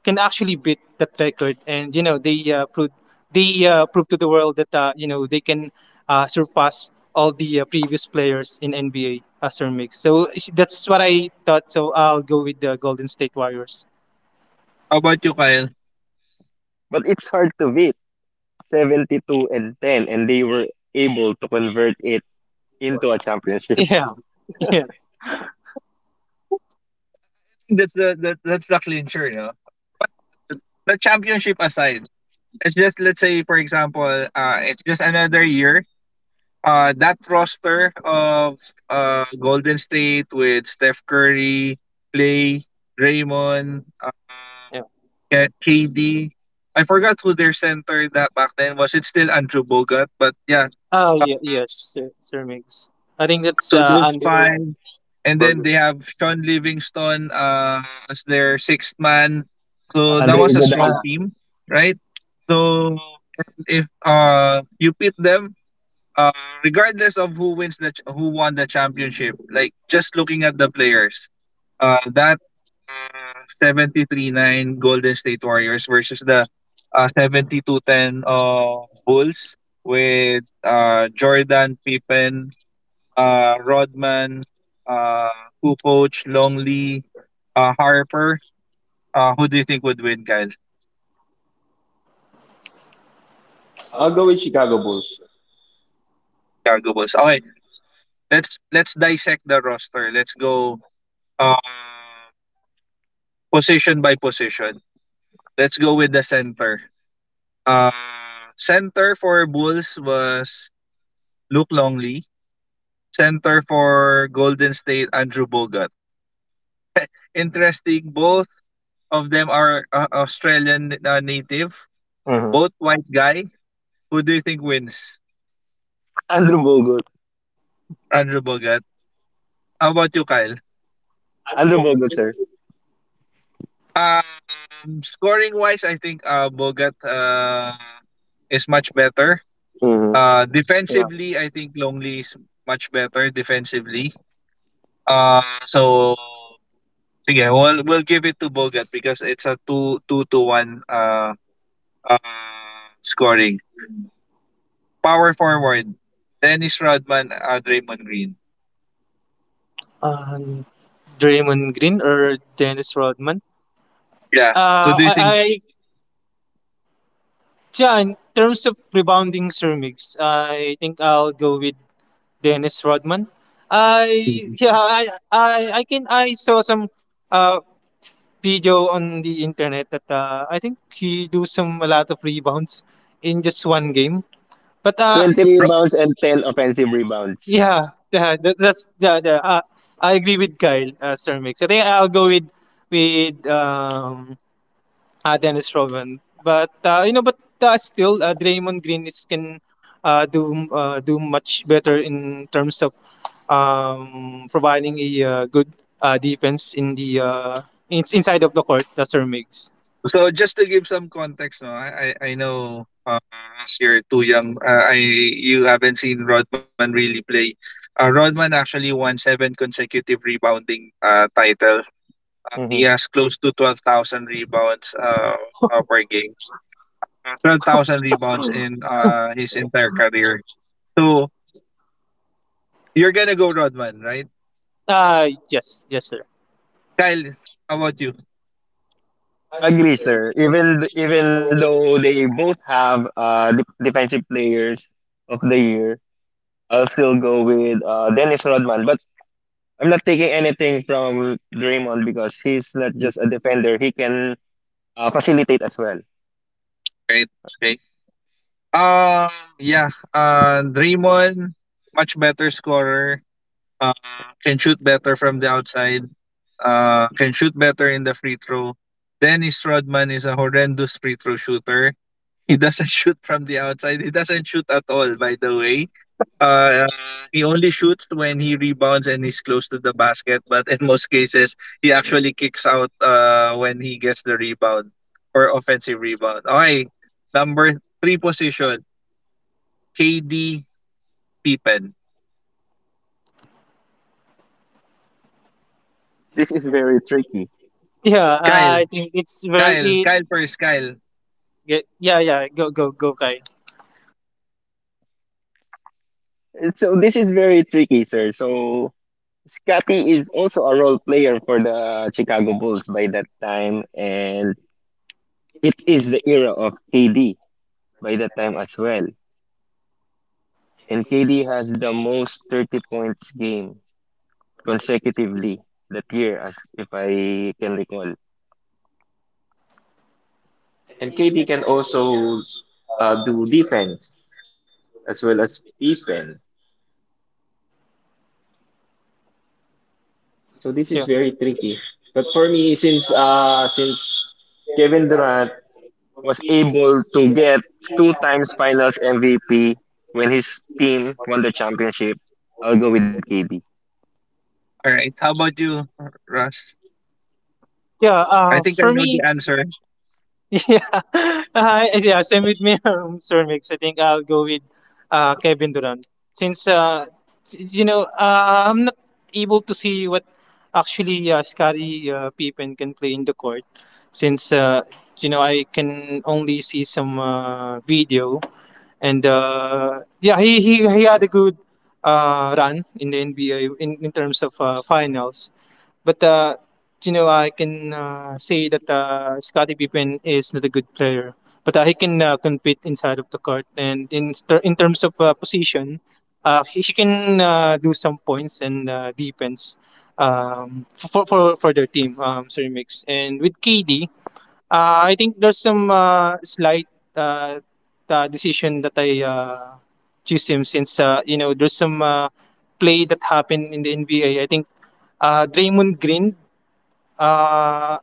Speaker 3: can actually beat that record, and you know they proved to the world that, they can surpass all the previous players in NBA, as their mix. So, that's what I thought. So I'll go with the Golden State Warriors.
Speaker 1: How about you, Kyle?
Speaker 2: But it's hard to beat. 72-10, and they were able to convert it into a
Speaker 3: [LAUGHS]
Speaker 2: championship.
Speaker 3: Yeah, yeah,
Speaker 1: That's the clincher, no? The championship aside, it's just let's say for example, it's just another year. That roster of Golden State with Steph Curry, Clay, Draymond,
Speaker 3: yeah.
Speaker 1: K KD. I forgot who their center that back then was. It's still Andrew Bogut, but yeah.
Speaker 3: Oh
Speaker 1: Uh,
Speaker 3: yeah, yes, sir, Sir Mix. I think that's,
Speaker 1: so those
Speaker 3: Andrew
Speaker 1: five, and then
Speaker 3: Bogut.
Speaker 1: they have Sean Livingston as their sixth man. So
Speaker 2: [LAUGHS]
Speaker 1: that
Speaker 2: Andre
Speaker 1: was a
Speaker 3: Uh,
Speaker 1: strong
Speaker 2: Iguodala.
Speaker 1: team, right? So if you pit them, uh regardless of who won the championship, like just looking at the players, that 73-9 Golden State Warriors versus the 72-10 Bulls with Jordan, Pippen, Rodman, uh, Kukoc, Longley, Harper. Who do you think would win, Kyle?
Speaker 2: I'll go with Chicago Bulls.
Speaker 1: Chicago Bulls. Okay, let's dissect the roster. Let's go uh, position by position. Let's go with the center. Uh, Center for Bulls was Luke Longley, center for Golden State Andrew Bogut. [LAUGHS] Interesting, both of them are Australian native,
Speaker 2: Mhm.
Speaker 1: both white guy. Who do you think wins?
Speaker 2: Andrew Bogut.
Speaker 1: Andrew Bogut. How about you, Kyle?
Speaker 2: Andrew Bogut, sir.
Speaker 1: Um, Scoring wise, I think Bogut is much better.
Speaker 2: Mhm.
Speaker 1: Defensively, I think Longley is much better defensively. So sige, we'll give it to Bogut because it's a two to one uh, scoring. Power forward, Dennis Rodman, Draymond Green.
Speaker 3: uh, Draymond Green or Dennis Rodman.
Speaker 1: Yeah. Who do you think?
Speaker 3: I Yeah, in terms of rebounding, ceramics, I think I'll go with Dennis Rodman. I
Speaker 1: Mhm.
Speaker 3: Yeah, I saw some uh video on the internet that, I think he do some a lot of rebounds in just one game. But
Speaker 2: 20
Speaker 1: Ro-
Speaker 2: rebounds and 10 offensive rebounds.
Speaker 3: yeah, yeah, that's, yeah, yeah, I agree with Kyle, ceramics. I think I'll go with with um Dennis Rodman. But still, Draymond Green is can do much better in terms of, providing a good defense in inside of the court. Sir Mix.
Speaker 1: So just to give some context, no, I know as you're too young, I you haven't seen Rodman really play. Rodman actually won seven consecutive rebounding title. He
Speaker 2: Mhm.
Speaker 1: has close to 12,000 rebounds per game. 12,000 rebounds in his entire career. So you're gonna go Rodman, right?
Speaker 3: Yes, yes, sir.
Speaker 1: Kyle, how about you?
Speaker 2: Agree, sir. Even though they both have defensive players of the year, I'll still go with Dennis Rodman, but I'm not taking anything from Draymond because he's not just a defender; he can facilitate as well.
Speaker 1: Great, great. Um, yeah. Draymond, much better scorer. Uh, can shoot better from the outside. Can shoot better in the free throw. Dennis Rodman is a horrendous free throw shooter. He doesn't [LAUGHS] shoot from the outside. He doesn't shoot at all, by the way. Uh, he only shoots when he rebounds and he's close to the basket. But in most cases, he actually kicks out when he gets the rebound or offensive rebound. Okay, number three position, KD Pippen.
Speaker 2: This is very tricky.
Speaker 3: Yeah,
Speaker 1: Kyle,
Speaker 3: I think it's
Speaker 1: Kyle,
Speaker 3: very.
Speaker 1: Kyle first, Kyle.
Speaker 3: Yeah, yeah. Go, go, go, Kyle.
Speaker 2: So this is very tricky, sir. So Scotty is also a role player for the Chicago Bulls by that time, and it is the era of KD by that time as well. And KD has the most 30 points game consecutively that year, as if I can recall. And KD can also do defense as well as defense. So this is
Speaker 3: Yeah,
Speaker 2: very tricky. But for me, since Kevin Durant was able to get two times Finals MVP when his team won the championship, I'll go with KD.
Speaker 1: All right, how about you, Russ?
Speaker 3: yeah.
Speaker 1: I think I
Speaker 3: For
Speaker 1: know
Speaker 3: me,
Speaker 1: the answer.
Speaker 3: yeah, [LAUGHS] yeah. Same with me, [LAUGHS] Sir Mix. I think I'll go with Kevin Durant, since I'm not able to see what actually Scotty Pippen can play in the court, since you know I can only see some video. And yeah, he had a good run in the NBA, in terms of finals. But I can say that Scottie Pippen is not a good player, but he can compete inside of the court. And in terms of position, he can do some points and defense, for their team. Sorry, mix, and with KD. I think there's some slight uh, decision that I choose him, since there's some play that happened in the NBA. I think Draymond Green uh,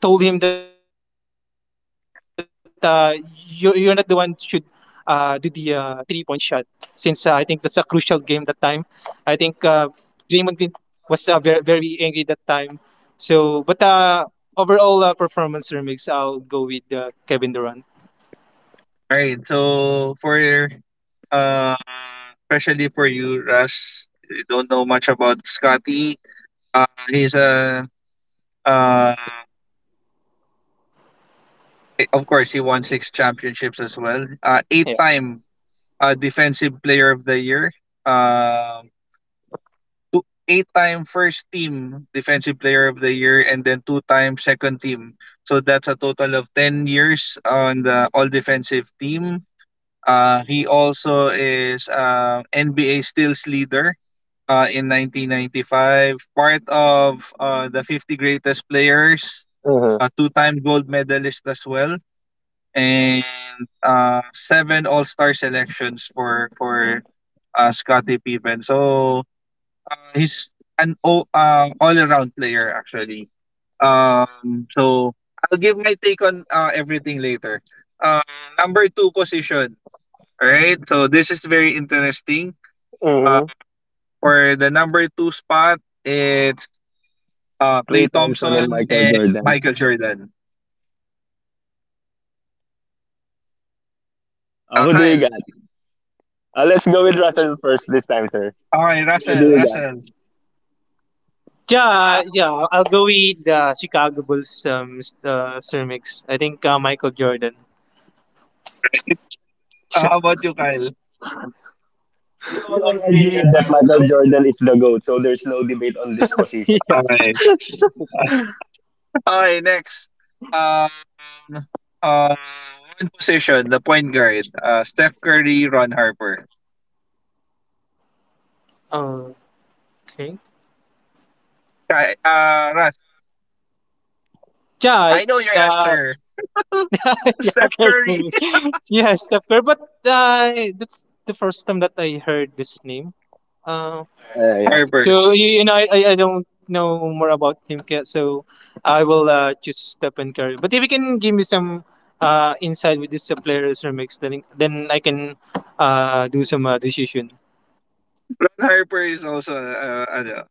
Speaker 3: told him that you're not the one should do the 3-point shot, since I think that's a crucial game that time. I think Draymond Green was very very angry that time. So, but overall performance, remix, I'll go with Kevin Durant.
Speaker 1: All right, so for Uh, especially for you, Russ. You don't know much about Scotty. He's a uh, of course he won six championships as well.
Speaker 3: Yeah,
Speaker 1: Eight-time defensive player of the year. Uh, two, eight-time first team defensive player of the year, and then two-time second team. So that's a total of 10 years on the all-defensive team. He also is NBA steals leader in 1995, part of the 50 greatest players,
Speaker 2: Mm-hmm.
Speaker 1: a two-time gold medalist as well, and seven All-Star selections for Scottie Pippen. So he's an all-around player actually. So I'll give my take on everything later. Uh, Number two position. All right. So this is very interesting. Uh,
Speaker 2: Mm-hmm.
Speaker 1: for the number two spot, it's Clay
Speaker 2: Klay Thompson and
Speaker 1: Thompson,
Speaker 2: Michael
Speaker 1: and
Speaker 2: Jordan.
Speaker 1: Michael Jordan.
Speaker 2: Who do you
Speaker 1: Kyle.
Speaker 2: got? Let's go with Russell first this time, sir.
Speaker 1: Okay,
Speaker 2: Who do
Speaker 1: Russell,
Speaker 2: you got?
Speaker 1: Russell.
Speaker 3: yeah, yeah. I'll go with the Chicago Bulls, remix. I think, Michael Jordan.
Speaker 1: How about you, Kyle?
Speaker 2: We all agree that Michael Jordan is the GOAT, so there's no debate on this
Speaker 3: [LAUGHS]
Speaker 2: position.
Speaker 3: Yeah.
Speaker 1: Okay. [LAUGHS] Okay, next. Um, uh, one position, the point guard. Steph Curry, Ron Harper.
Speaker 3: Okay.
Speaker 1: Kyle, Russ,
Speaker 3: Yeah.
Speaker 1: I know your answer. [LAUGHS]
Speaker 3: [LAUGHS] Yeah,
Speaker 1: Steph
Speaker 3: certainly. [LAUGHS]
Speaker 1: Curry.
Speaker 3: Me. Yeah, Steph Curry. [LAUGHS] But that's the first time that I heard this name. Um,
Speaker 2: Yeah, yeah.
Speaker 1: Harper.
Speaker 3: So you know, I don't know more about him yet. So I will just step and carry. But if you can give me some insight with these players or mix, then I can do some decision.
Speaker 1: Ron Harper is also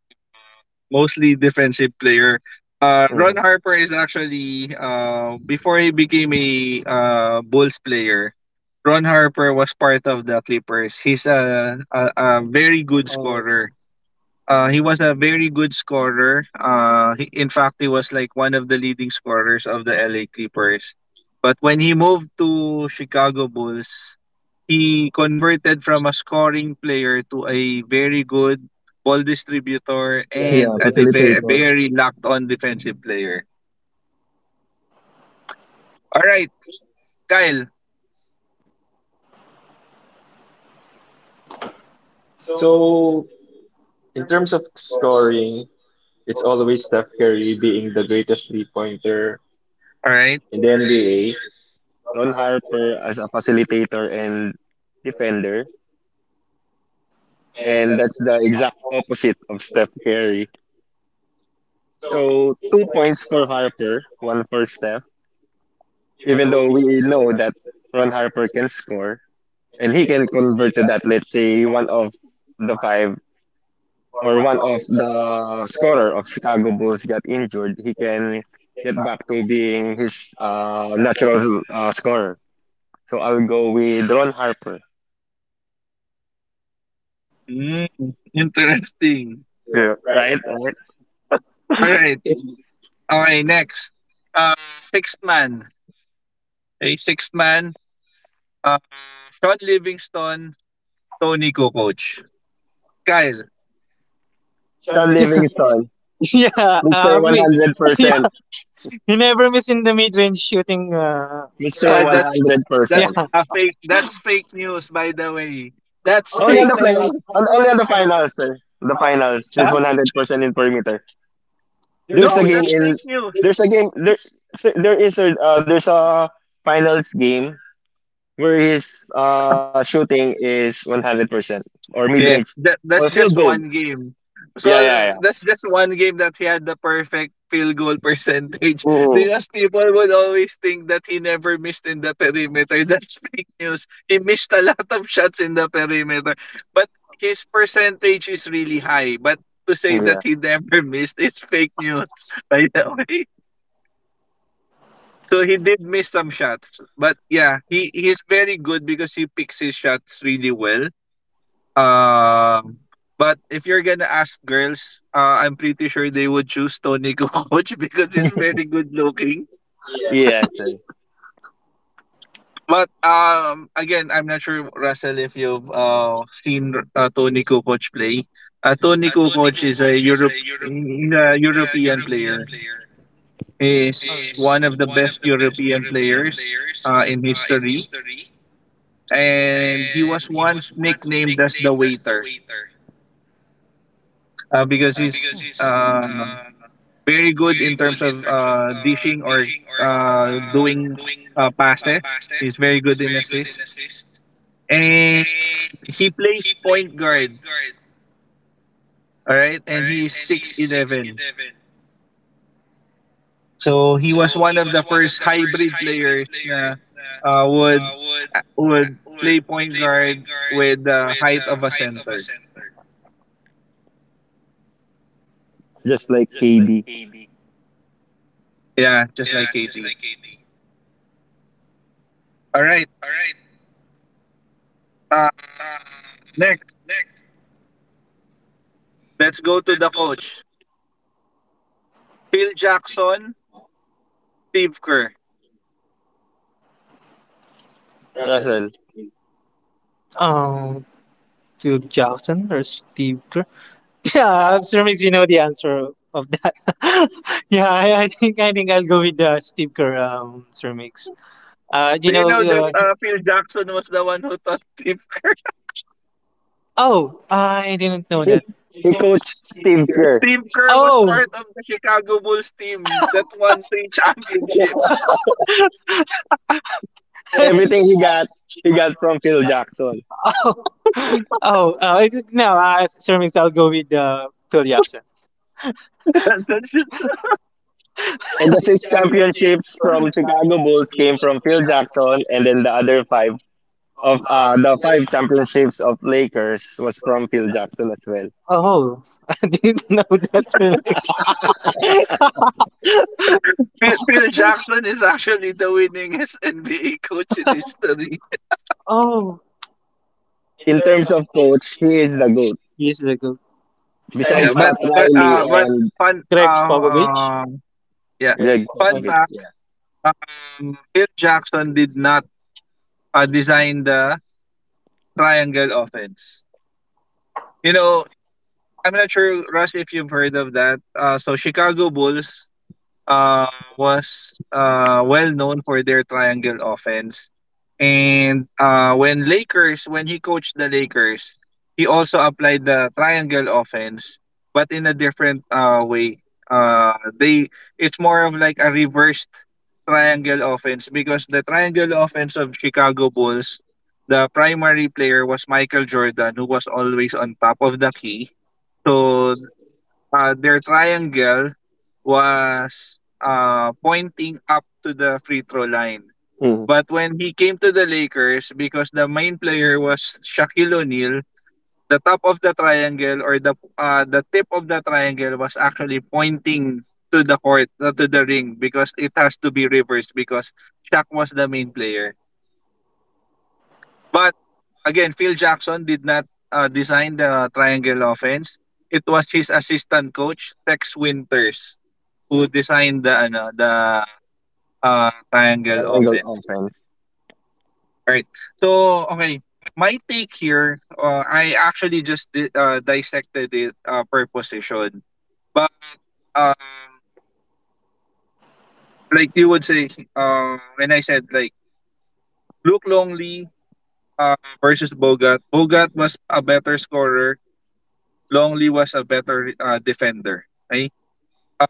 Speaker 1: mostly defensive player. Ron
Speaker 2: Hmm.
Speaker 1: Harper is actually before he became a Bulls player, Ron Harper was part of the Clippers. He's a very good scorer. He was a very good scorer. In fact, he was like one of the leading scorers of the LA Clippers. But when he moved to Chicago Bulls, he converted from a scoring player to a very good ball distributor
Speaker 2: Yeah,
Speaker 1: and a
Speaker 2: facilitator.
Speaker 1: very locked on defensive player. All right, Kyle.
Speaker 2: So, in terms of scoring, it's always Steph Curry being the greatest three pointer
Speaker 1: All right.
Speaker 2: in the NBA, Ron Harper as a facilitator and defender, and that's the exact opposite of Steph Curry. So, 2 points for Harper, one for Steph, even though we know that Ron Harper can score and he can convert to that, let's say, one of the five or one of the scorer of Chicago Bulls got injured, he can get back to being his natural scorer. So I'll go with Ron Harper.
Speaker 1: Mm, [LAUGHS] interesting.
Speaker 2: Yeah. Right? Right?
Speaker 1: All right. Okay next. uh Sixth man. Okey, sixth man, uh Sean Livingston, Tony Kukoc. Kyle,
Speaker 2: Sean Livingston.
Speaker 3: [LAUGHS] Yeah,
Speaker 2: Mister
Speaker 3: me. [LAUGHS]
Speaker 2: 100%.
Speaker 3: Yeah, you never miss in the mid range shooting
Speaker 2: Mr.
Speaker 1: ay
Speaker 3: spot.
Speaker 1: that
Speaker 3: Yeah.
Speaker 1: that's
Speaker 2: 100%.
Speaker 1: a fake that's fake news by the way. That's
Speaker 2: Only on
Speaker 1: fake
Speaker 2: the playoff,
Speaker 1: news.
Speaker 2: only on the finals, sir. The finals,
Speaker 1: Huh?
Speaker 2: he's 100% in perimeter. There's a
Speaker 1: No,
Speaker 2: game
Speaker 1: that's
Speaker 2: in,
Speaker 1: fake news.
Speaker 2: there's a game, there's, there's a finals game where his shooting is 100% or mid range
Speaker 1: Yes, that
Speaker 2: or
Speaker 1: that's
Speaker 2: field
Speaker 1: just
Speaker 2: goal.
Speaker 1: one game. So
Speaker 2: Yeah, yeah,
Speaker 1: that's just one game that he had the perfect field goal percentage
Speaker 2: yeah.
Speaker 1: [LAUGHS]
Speaker 2: Ooh,
Speaker 1: because people would always think that he never missed in the perimeter. That's [LAUGHS] fake news. He missed a lot of shots in the perimeter, but his percentage is really high. But to say
Speaker 2: yeah,
Speaker 1: that he never [LAUGHS] missed is fake news, [LAUGHS] by the way. So he did miss some shots, but yeah, he is very good because he picks his shots really well. Um, but if you're gonna ask girls, I'm pretty sure they would choose Tony [LAUGHS] Kukoc because he's very good looking.
Speaker 2: yes, sir.
Speaker 1: But again, I'm not sure, Russell, if you've seen Tony Kukoc play. Tony Kukoc is a Europe, he's a European player. He's one of the best European players in history, and he was once nicknamed as the waiter because he's uh, very good in terms of dishing or doing passes. He's very good in assist. And he plays point guard, all right? And he's 6'11". So he was one of the first hybrid players na uh, would would play point guard with the height of a center.
Speaker 2: Just like KD.
Speaker 1: Yeah, just like KD. All right. Uh, Next, let's go to the coach. Phil Jackson, Steve Kerr.
Speaker 2: Russell.
Speaker 3: Oh, Phil Jackson or Steve Kerr? Yeah, I'm sure you know the answer of that. [LAUGHS] Yeah, I think I'll go with Steve Kerr, Sir Mix. Uh, you
Speaker 1: Do you
Speaker 3: know,
Speaker 1: know that
Speaker 3: uh,
Speaker 1: Phil Jackson was the one who taught Steve?
Speaker 3: oh, I didn't know
Speaker 2: He,
Speaker 3: that.
Speaker 2: he coached Steve Kerr.
Speaker 1: Steve Kerr was
Speaker 3: Oh,
Speaker 1: part of the Chicago Bulls team that won three championships.
Speaker 2: Everything
Speaker 3: [LAUGHS]
Speaker 2: he got from Phil Jackson.
Speaker 3: oh, oh, no, Sir Mix, I'll go with Phil Jackson.
Speaker 1: [LAUGHS] That's just-
Speaker 2: And the six championships from Chicago Bulls came from Phil Jackson, and then the other five of the five championships of Lakers was from Phil Jackson as well.
Speaker 3: Oh, [LAUGHS] I didn't know that, Sir Mix.
Speaker 1: Phil Jackson is actually the winningest [LAUGHS] NBA coach in history.
Speaker 3: Oh,
Speaker 2: In terms of coach, he is the GOAT.
Speaker 3: he's the good. Oh.
Speaker 1: Yeah,
Speaker 2: Besides
Speaker 1: but
Speaker 2: Pat
Speaker 1: but
Speaker 2: Riley
Speaker 1: uh, but
Speaker 2: and
Speaker 1: fun
Speaker 3: Greg
Speaker 1: uh,
Speaker 3: Popovich.
Speaker 1: uh yeah
Speaker 2: Greg
Speaker 1: fun
Speaker 2: Popovich,
Speaker 1: fact.
Speaker 2: yeah.
Speaker 1: Phil Jackson did not design the triangle offense. You know, I'm not sure Russ if you've heard of that. So Chicago Bulls uh, was well known for their triangle offense. And when Lakers, when he coached the Lakers, he also applied the triangle offense, but in a different way. Uh, they It's more of like a reversed triangle offense because the triangle offense of Chicago Bulls, the primary player was Michael Jordan, who was always on top of the key. So their triangle was pointing up to the free throw line.
Speaker 2: Mm.
Speaker 1: But when he came to the Lakers, because the main player was Shaquille O'Neal, the top of the triangle or the tip of the triangle was actually pointing to the court, to the ring, because it has to be reversed because Shaq was the main player. But again, Phil Jackson did not design the triangle offense. It was his assistant coach Tex Winters who designed the ano the triangle
Speaker 2: Triangle
Speaker 1: offense.
Speaker 2: offense.
Speaker 1: Right. So, okay, my take here, I actually just dissected it per position. But um, like you would say, when I said like Luke Longley uh, versus Bogat, Bogat was a better scorer. Longley was a better defender. Okay. Uh,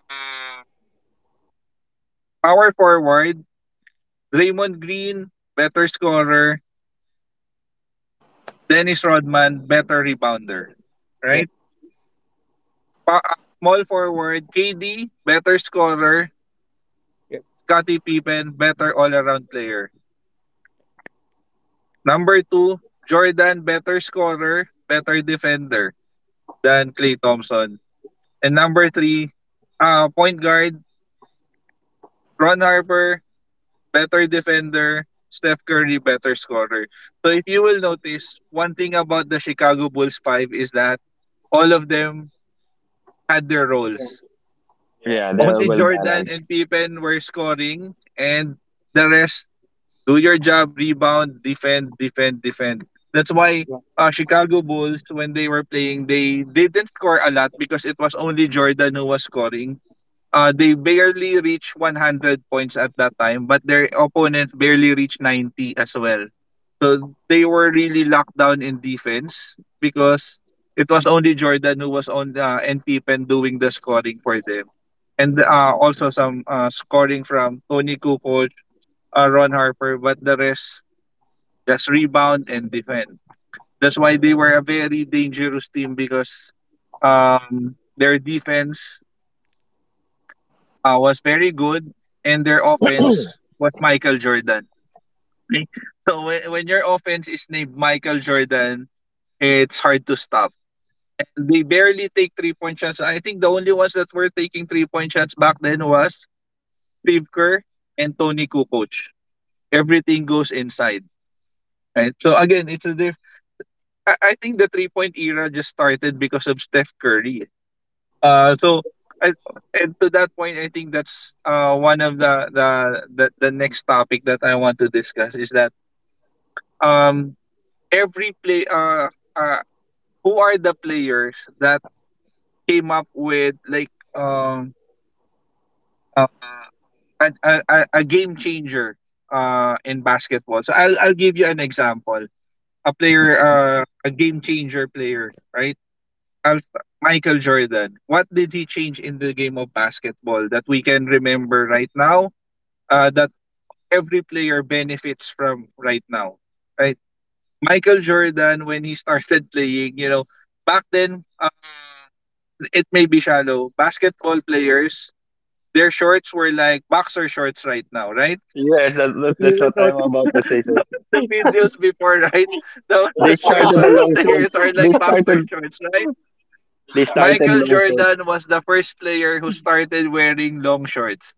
Speaker 1: power forward, Draymond Green, better scorer. Dennis Rodman, better rebounder.
Speaker 3: Yeah.
Speaker 1: Right. Small forward, KD, better scorer.
Speaker 3: Yeah.
Speaker 1: Scottie Pippen, better all-around player. Number two, Jordan, better scorer, better defender than Klay Thompson. And number three, point guard, Ron Harper, better defender. Steph Curry, better scorer. So if you will notice, one thing about the Chicago Bulls 5 is that all of them had their roles.
Speaker 2: Yeah, they are
Speaker 1: Only
Speaker 2: well
Speaker 1: Jordan
Speaker 2: balanced.
Speaker 1: and Pippen were scoring and the rest do your job, rebound, defend, defend, defend. That's why Chicago Bulls, when they were playing, they didn't score a lot because it was only Jordan who was scoring. They barely reached 100 points at that time, but their opponents barely reached 90 as well. So they were really locked down in defense because it was only Jordan who was on and Pippen doing the scoring for them. And also some scoring from Tony Kukoc, Ron Harper, but the rest just rebound and defend. That's why they were a very dangerous team because their defense was very good and their offense was Michael Jordan. [LAUGHS] So when your offense is named Michael Jordan, it's hard to stop. They barely take 3 point shots. I think the only ones that were taking 3 point shots back then was Steve Kerr and Tony Kukoc. Everything goes inside. Right? So again, it's a diff- I think the 3 point era just started because of Steph Curry. Uh, so I, and to that point, I think that's one of the next topic that I want to discuss is that um every play uh who are the players that came up with like uh, a game changer in basketball. So I'll give you an example. A player a game changer player, right? Al- Michael Jordan, what did he change in the game of basketball that we can remember right now? That every player benefits from right now, right? Michael Jordan, when he [LAUGHS] started playing, you know, back then it may be shallow. Basketball players, their shorts were like boxer shorts right now, right?
Speaker 2: Yes,
Speaker 1: You
Speaker 2: that's
Speaker 1: will
Speaker 2: what I'm
Speaker 1: notice [LAUGHS]
Speaker 2: about to say, sir.
Speaker 1: the videos before, [LAUGHS] right? The
Speaker 2: They started
Speaker 1: shorts of
Speaker 2: the
Speaker 1: the
Speaker 2: long
Speaker 1: players
Speaker 2: shorts.
Speaker 1: are
Speaker 2: They
Speaker 1: like boxer
Speaker 2: started
Speaker 1: shorts, right?
Speaker 2: they started
Speaker 1: Michael
Speaker 2: long shorts.
Speaker 1: Jordan was the first player who started wearing long shorts.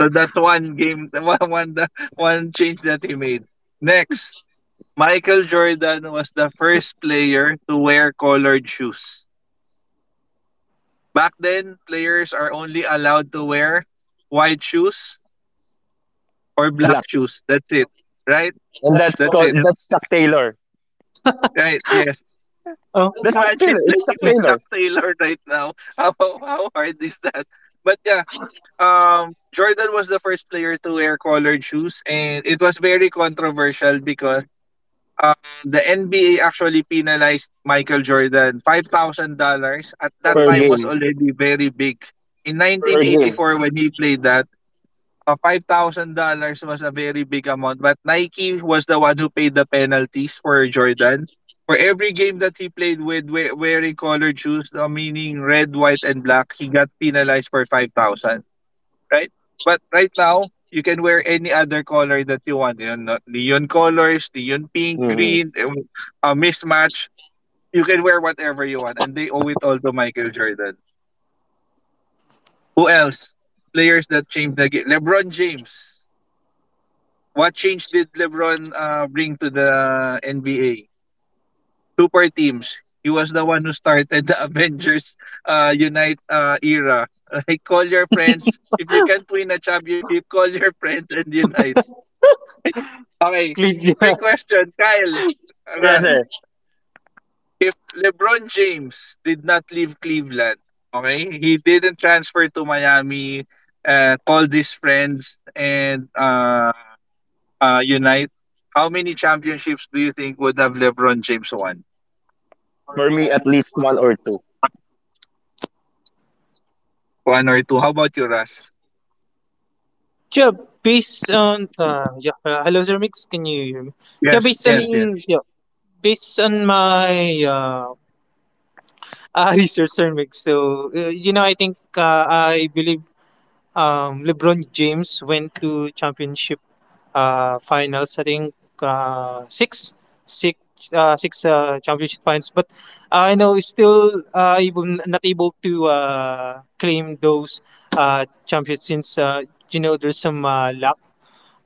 Speaker 1: So that's one game, [LAUGHS] one change that he made. Next, Michael Jordan was the first player to wear colored shoes. Back then, players are only allowed to wear white shoes or black
Speaker 2: Black.
Speaker 1: shoes. That's it, right?
Speaker 2: And
Speaker 1: That's it,
Speaker 2: that's Chuck Taylor.
Speaker 1: right? Yes.
Speaker 3: Oh,
Speaker 1: [LAUGHS]
Speaker 2: That's Chuck Taylor.
Speaker 1: Imagine
Speaker 2: It's Chuck
Speaker 1: playing
Speaker 3: yeah.
Speaker 1: with
Speaker 2: Taylor
Speaker 1: Chuck Taylor right now. [LAUGHS] How hard is that? But yeah, Jordan was the first player to wear colored shoes and it was very controversial because uh, the NBA actually penalized Michael Jordan. $5,000 at that
Speaker 2: per
Speaker 1: time was
Speaker 2: game.
Speaker 1: already very big. In
Speaker 2: Per game.
Speaker 1: 1984 when he played that, $5,000 was a very big amount but Nike was the one who paid the penalties for Jordan. For every game that he played with wearing colored shoes, meaning red, white, and black, he got penalized for 5,000, right? But right now, you can wear any other color that you want. Neon colors, neon pink,
Speaker 2: Hmm.
Speaker 1: green, a mismatch. You can wear whatever you want, and they owe it all to Michael Jordan. Who else? Players that changed the game. LeBron James. What change did LeBron bring to the NBA? Super teams. He was the one who started the [LAUGHS] Avengers Unite era. Like, call your friends. If you can't win a championship, call your friends and unite. Okay, quick
Speaker 3: Cleveland.
Speaker 1: question, Kyle. Ano,
Speaker 2: Yes, sir.
Speaker 1: if LeBron James did not leave Cleveland, okay, he didn't transfer to Miami, called his friends and unite. How many championships do you think would have LeBron James won?
Speaker 2: For me at least one or two.
Speaker 1: One or two? How about you, Russ?
Speaker 3: Yeah, based on, hello, sir. Can you hear me? Yeah,
Speaker 1: Yes,
Speaker 3: based on,
Speaker 2: Yeah.
Speaker 1: yes, yes.
Speaker 3: yeah, based on my [LAUGHS] research, sir. So I think, I believe, LeBron James went to championship finals. I think, uh six six six championship finals, but I know he's still able not able to claim those champions, since there's some luck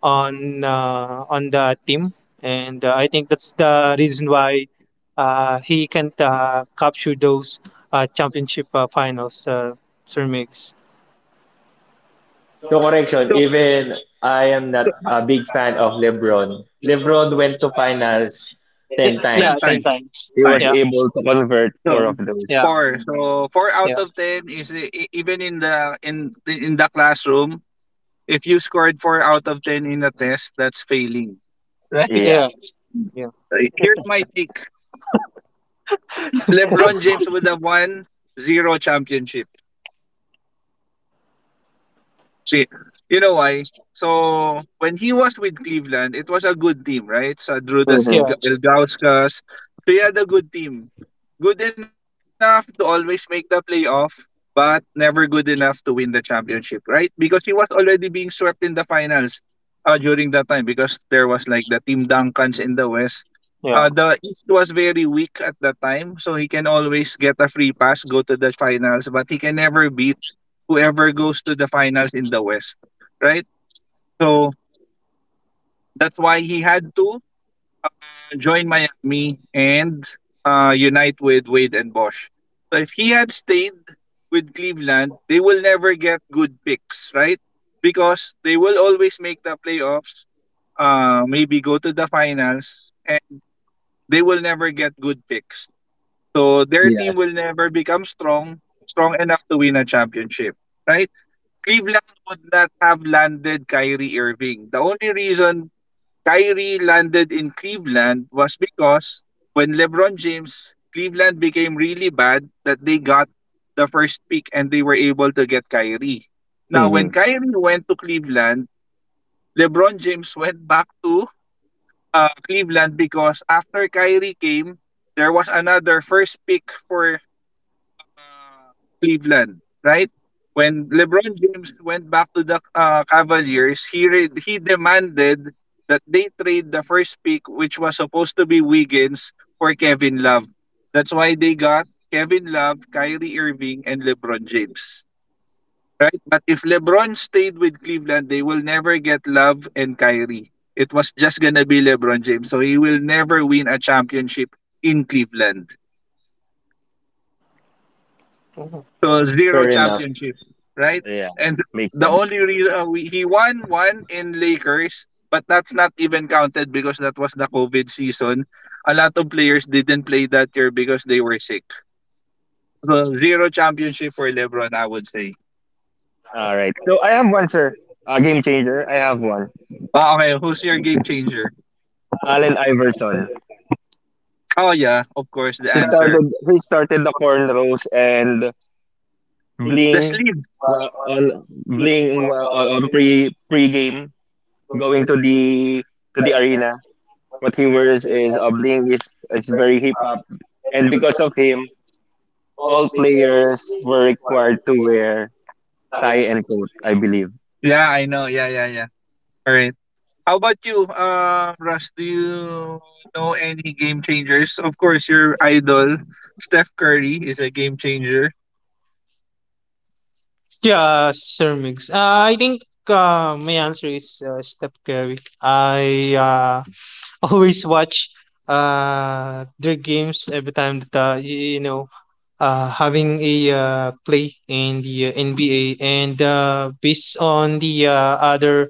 Speaker 3: on the team, and I think that's the reason why he can't capture those championship finals, Sir Mix.
Speaker 1: So, so ten
Speaker 3: Yeah, ten
Speaker 1: times,
Speaker 3: times.
Speaker 2: He was
Speaker 1: times.
Speaker 3: Yeah,
Speaker 2: able to convert four
Speaker 1: So
Speaker 2: of those.
Speaker 3: yeah,
Speaker 1: four. So four
Speaker 3: yeah,
Speaker 1: out of ten is even in the in the classroom. If you scored four out of ten in a test, that's failing.
Speaker 2: Yeah.
Speaker 1: [LAUGHS]
Speaker 3: yeah, yeah,
Speaker 1: Right? Here's my take. LeBron James would have won zero championship. See, you know why? So, when he was with Cleveland, it was a good team, right? So, Drudas
Speaker 3: yeah,
Speaker 1: Ilgauskas, so he had a good team. Good enough to always make the playoff, but never good enough to win the championship, right? Because he was already being swept in the finals, during that time because there was like the Team Duncans in the West.
Speaker 3: yeah.
Speaker 1: The East was very weak at that time, so he can always get a free pass, go to the finals, but he can never beat whoever goes to the finals in the West, right? So that's why he had to join Miami and unite with Wade and Bosch. So if he had stayed with Cleveland, they will never get good picks, right? Because they will always make the playoffs, maybe go to the finals, and they will never get good picks. So their team
Speaker 2: Yes.
Speaker 1: will never become strong, strong enough to win a championship, right? Cleveland would not have landed Kyrie Irving. The only reason Kyrie landed in Cleveland was because when LeBron James, Cleveland became really bad that they got the first pick and they were able to get Kyrie. Now, when
Speaker 2: Hmm.
Speaker 1: Kyrie went to Cleveland, LeBron James [LAUGHS] went back to Cleveland because after Kyrie came, there was another first pick for uh, Cleveland, right? When LeBron James went back to the Cavaliers, he demanded that they trade the first pick, which was supposed to be Wiggins, for Kevin Love. That's why they got Kevin Love, Kyrie Irving, and LeBron James. Right? But if LeBron stayed with Cleveland, they will never get Love and Kyrie. It was just gonna be LeBron James. So he will never win a championship in Cleveland. So zero
Speaker 2: Fair enough.
Speaker 1: championships, right?
Speaker 2: Yeah.
Speaker 1: And
Speaker 2: Makes
Speaker 1: the
Speaker 2: sense.
Speaker 1: only reason he won one in Lakers, but that's not even counted because that was the COVID season. A lot of players didn't play that year because they were sick. So zero championship for LeBron, I would say.
Speaker 2: All right. So I have one, sir. A game changer. I have one.
Speaker 1: Oh, okay, who's your game changer?
Speaker 2: Allen Iverson.
Speaker 1: Oh yeah, of course the
Speaker 2: He
Speaker 1: answer.
Speaker 2: started. He started the cornrows and
Speaker 1: The
Speaker 2: bling,
Speaker 1: sleeve.
Speaker 2: wa- on bling wa- on pre game going to the arena. What he wears is a bling. Is It's very hip hop, and because of him, all players were required to wear tie and coat. I believe.
Speaker 1: Yeah, I know. Yeah, yeah, yeah. All right. How about you, Russ? Do you know any game changers? Of course, your idol, Steph Curry, is a game changer.
Speaker 3: Yeah, Sir Mix. I think, my answer is, Steph Curry. I always watch their games every time that, having a play in the NBA, and based on the other,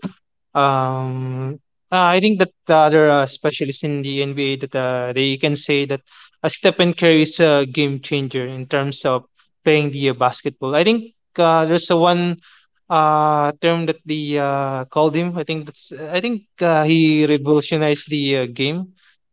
Speaker 3: um, I think that the other specialists in the NBA that, they can say that, Stephen Curry is a game changer in terms of playing the basketball. I think there's a one term that they called him. I think that's, I think he revolutionized the game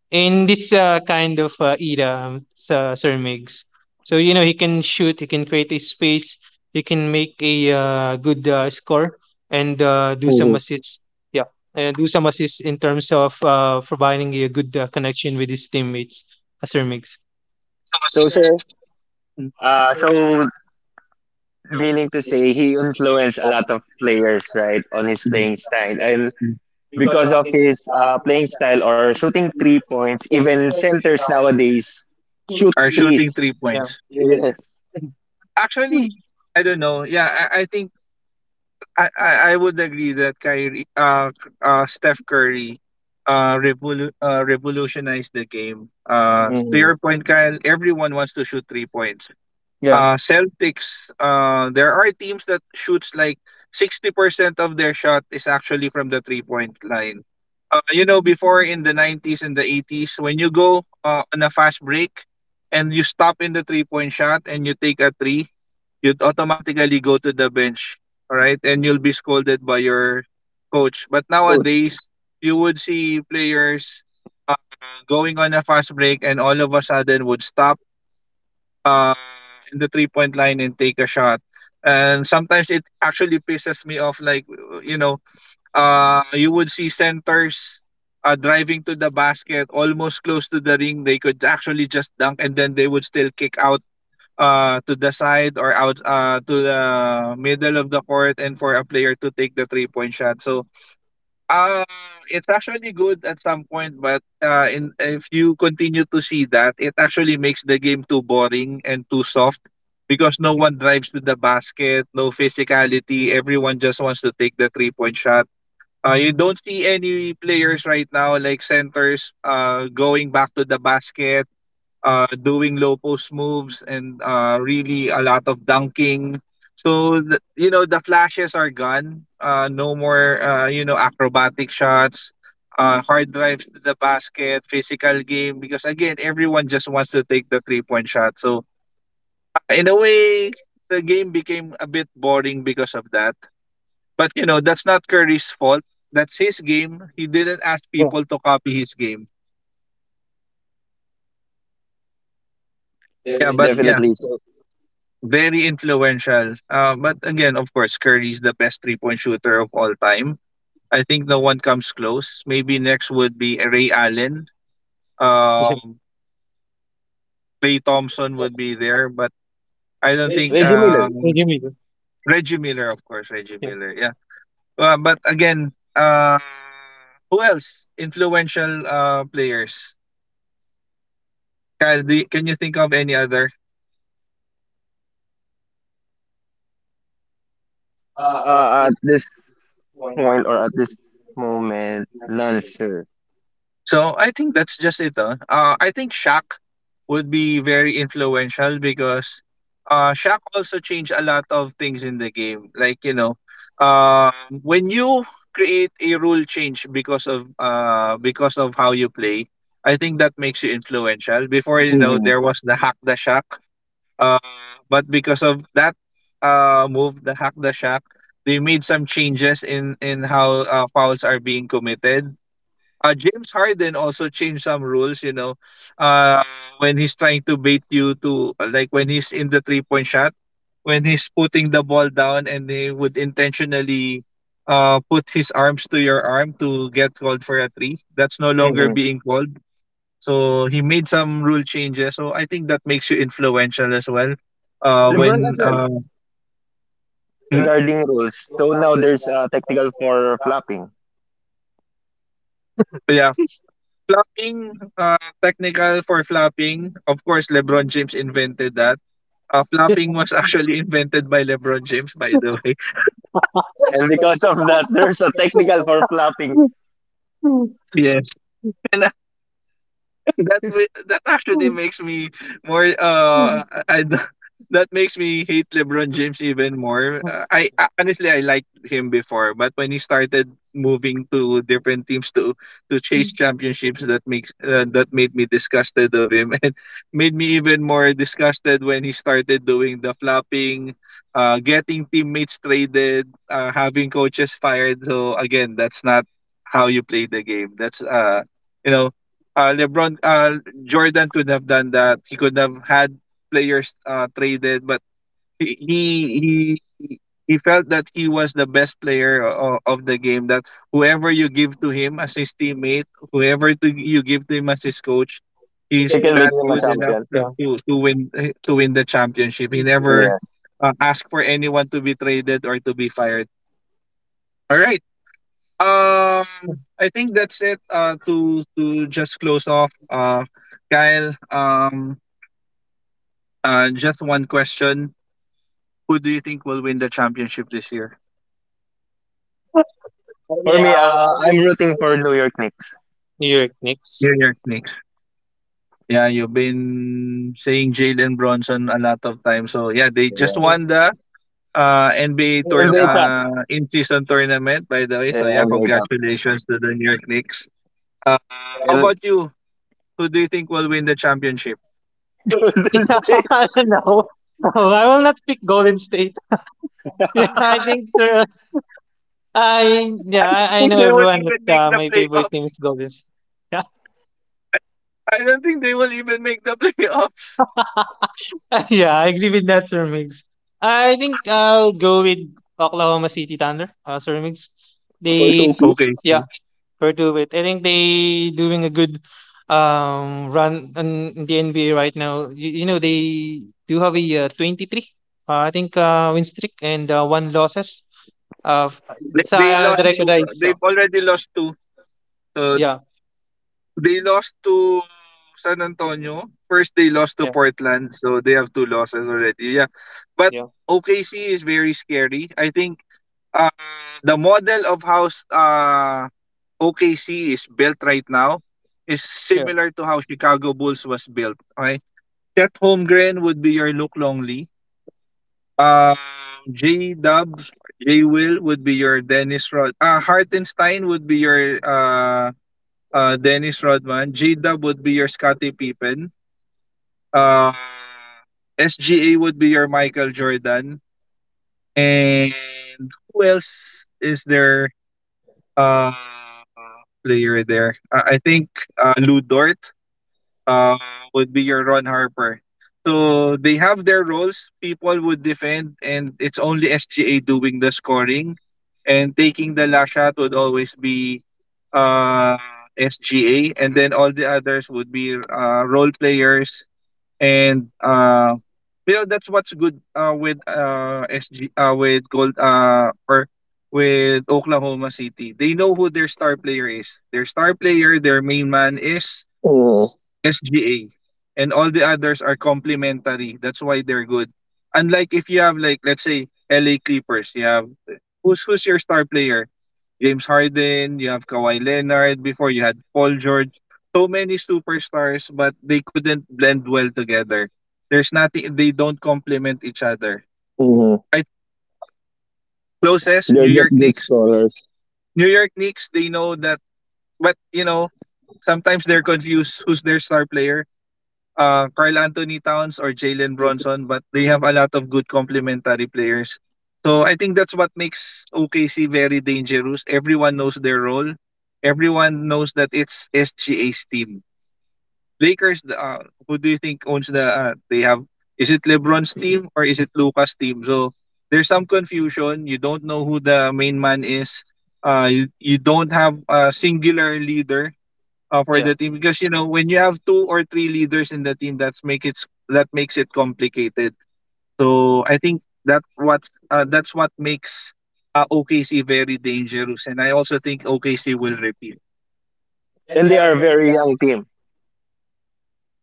Speaker 3: in this kind of era, Sir Mix. So you know he can shoot, he can create a space, he can make a good score and do some
Speaker 2: Mhm.
Speaker 3: assists. Yeah, and Usam assists in terms of providing a good connection with his teammates, as their mix.
Speaker 2: So, sir. So, meaning to say he influenced a lot of players, right, on his playing style. And because of his playing style or shooting 3 points, even centers nowadays shoot
Speaker 1: Are shooting
Speaker 2: threes.
Speaker 1: three
Speaker 2: [LAUGHS]
Speaker 3: Yeah,
Speaker 1: points.
Speaker 3: yeah,
Speaker 2: Yes.
Speaker 1: Actually, I don't know. Yeah, I think I would agree that Steph Curry revolutionized the game. To
Speaker 2: Mm.
Speaker 1: your point, Kyle, everyone wants to shoot 3 points.
Speaker 3: [LAUGHS] yeah.
Speaker 1: Celtics there are teams that shoots like 60% of their shot is actually from the 3 point line. You know before in the 90s and the 80s when you go on a fast break and you stop in the 3 point shot and you take a three, you'd automatically go to the bench, all right? And you'll be scolded by your coach. But
Speaker 2: Good.
Speaker 1: nowadays, you would see players uh, going on a fast break and all of a sudden would stop uh, in the 3 point line and take a shot. And sometimes it actually pisses me off. Like, you know, you would see centers driving to the basket almost close to the ring. They could actually just dunk and then they would still kick out to the side or out to the middle of the court and for a player to take the 3 point shot. So Uh, it's actually good at some point, but if you continue to see that, it actually makes the game too boring and too soft because no one drives to the basket, no physicality. Everyone just wants to take the 3 point shot. You don't see any players right now, like centers, going back to the basket, doing low post moves and really a lot of dunking. So you know the flashes are gone. No more you know acrobatic shots, hard drives to the basket, physical game. Because again, everyone just wants to take the 3 point shot. So in a way, the game became a bit boring because of that. But you know that's not Curry's fault. That's his game. He didn't ask people to copy his game. Yeah, but yeah.
Speaker 2: Definitely. So,
Speaker 1: Very influential. But again, of course, Curry's the best 3 point shooter of all time. I think no one comes close. Maybe next would be Ray Allen.
Speaker 3: Can
Speaker 1: Um, Clay Thompson would be there, but I don't think
Speaker 2: Reggie Miller,
Speaker 3: you hear me, bro?
Speaker 1: Reggie Miller, of course, Reggie
Speaker 3: Yeah,
Speaker 1: Miller. Yeah. But again, who else? Influential players. Do can you think of any other?
Speaker 2: at this point or at this moment, none, sir.
Speaker 1: So I think that's just it. I think Shaq would be very influential because Shaq also changed a lot of things in the game. Like, you know, uh, when you create a rule change because of how you play, I think that makes you influential. Before you know,
Speaker 2: Hmm.
Speaker 1: there was the hack the Shaq. Uh but because of that move, the hack the Shaq, they made some changes in how fouls are being committed. James Harden also changed some rules, you know, uh, when he's trying to bait you to like when he's in the 3 point shot, when he's putting the ball down and he would intentionally put his arms to your arm to get called for a three. That's no longer
Speaker 2: Hmm.
Speaker 1: being called. So he made some rule changes. So I think that makes you influential as well.
Speaker 2: LeBron
Speaker 1: When
Speaker 2: as well,
Speaker 1: hmm?
Speaker 2: regarding rules. So now there's a technical for flopping.
Speaker 1: But yeah, flopping, uh, technical for flopping. Of course, LeBron James invented that. Flopping was [LAUGHS] actually invented by LeBron James, by the way. [LAUGHS]
Speaker 2: And because of that, [LAUGHS] there's a technical for flopping.
Speaker 1: Yes. And [LAUGHS] that actually makes me more [LAUGHS] that makes me hate LeBron James even more. I honestly I liked him before, but when he started moving to different teams to chase championships, that made me disgusted of him [LAUGHS] and made me even more disgusted when he started doing the flopping, getting teammates traded, having coaches fired. So again, that's not how you play the game. That's you know uh, LeBron, uh, Jordan could have done that. He could have had players traded, but he he he he felt that he was the best player of the game. That whoever you give to him as his teammate, you give to him as his coach, he's
Speaker 2: He can make
Speaker 1: that
Speaker 2: him a
Speaker 1: good enough
Speaker 2: champion.
Speaker 3: yeah.
Speaker 1: to to win the championship. He never
Speaker 2: Yes.
Speaker 1: asked for anyone to be traded or to be fired. All right. Um, I think that's it. To just close off. Kyle. Just one question: who do you think will win the championship this year?
Speaker 2: For me, I'm rooting for New York Knicks.
Speaker 1: New York Knicks. Yeah, you've been saying Jalen Bronson a lot of times. So yeah, they just
Speaker 2: Yes.
Speaker 1: won the NBA turn
Speaker 2: NBA Cup.
Speaker 1: in season tournament. By the way, so
Speaker 2: Yeah,
Speaker 1: yeah,
Speaker 2: NBA Cup.
Speaker 1: congratulations to the New York Knicks. Uh, how
Speaker 2: And
Speaker 1: about you? Who do you think will win the championship?
Speaker 2: [LAUGHS]
Speaker 3: [LAUGHS]
Speaker 2: Golden State.
Speaker 3: No, no, I will not pick Golden State. Yeah, [LAUGHS] I think so. I Yeah,
Speaker 1: I
Speaker 3: I
Speaker 1: think
Speaker 3: know
Speaker 1: they won't
Speaker 3: everyone that,
Speaker 1: even make the
Speaker 3: my favorite team
Speaker 1: playoffs.
Speaker 3: is Golden State. Yeah,
Speaker 1: I don't think they will even make the [LAUGHS] playoffs.
Speaker 3: [LAUGHS] yeah, I agree with that, Sir Migs. I think I'll go with Oklahoma City Thunder, Sir Migs. They,
Speaker 1: Okay,
Speaker 3: yeah,
Speaker 1: see.
Speaker 3: for two with. I think they doing a good run in the NBA right now. You know they do have a 23, I think, win streak and 1 losses. Uh, f-
Speaker 1: They
Speaker 3: that's
Speaker 1: they
Speaker 3: the
Speaker 1: lost
Speaker 3: record
Speaker 1: to
Speaker 3: I saw.
Speaker 1: they've already lost to uh,
Speaker 3: Yeah,
Speaker 1: they lost to San Antonio. First they lost to
Speaker 3: yeah,
Speaker 1: Portland, so they have two losses already. Yeah. But
Speaker 3: yeah,
Speaker 1: OKC is very scary. I think uh, the model of how OKC is built right now is
Speaker 3: yeah,
Speaker 1: similar to how Chicago Bulls was built. Okay? Chet Holmgren would be your Luke Longley. Um, J Dubs, J Will would be your Dennis Rod. Hartenstein would be your Dennis Rodman. J Dub would be your Scottie Pippen. Uh, SGA would be your Michael Jordan. And who else is there? Uh, player there. I think Lou Dort uh, would be your Ron Harper. So they have their roles. People would defend, and it's only SGA doing the scoring, and taking the last shot would always be uh, SGA, and then all the others would be role players. And you know that's what's good with SG with Gold or with Oklahoma City. They know who their star player is. Their star player, their main man is SGA, and all the others are complementary. That's why they're good. Unlike if you have like let's say LA Clippers, you have who's your star player? James Harden, you have Kawhi Leonard, before you had Paul George. So many superstars, but they couldn't blend well together. There's nothing they don't complement each other.
Speaker 2: Mhm.
Speaker 1: I closest
Speaker 2: They're
Speaker 1: New York
Speaker 2: just good
Speaker 1: Knicks.
Speaker 2: scorers.
Speaker 1: New York Knicks, they know that but you know, sometimes they're confused who's their star player, Carl Anthony Towns or Jalen Bronson, but they have a lot of good complementary players. So I think that's what makes OKC very dangerous. Everyone knows their role. Everyone knows that it's SGA's team. Lakers, who do you think owns the? They have. Is it LeBron's team or is it Luca's team? So there's some confusion. You don't know who the main man is. You don't have a singular leader for
Speaker 3: yeah.
Speaker 1: the team because you know when you have two or three leaders in the team that makes it complicated, so I think that's what makes OKC very dangerous, and I also think OKC will repeat.
Speaker 2: And they are a very young team.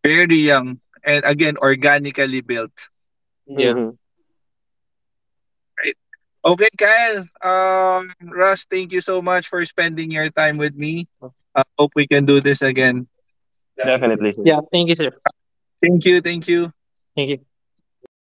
Speaker 1: Very young, and again organically built,
Speaker 3: Yeah.
Speaker 2: Hmm.
Speaker 1: right? Okay, Kyle, Russ, thank you so much for spending your time with me. I hope we can do this again.
Speaker 2: Definitely, sir.
Speaker 3: Yeah. Thank you, sir.
Speaker 1: Thank you, thank you.
Speaker 3: Thank you.
Speaker 2: Thank you,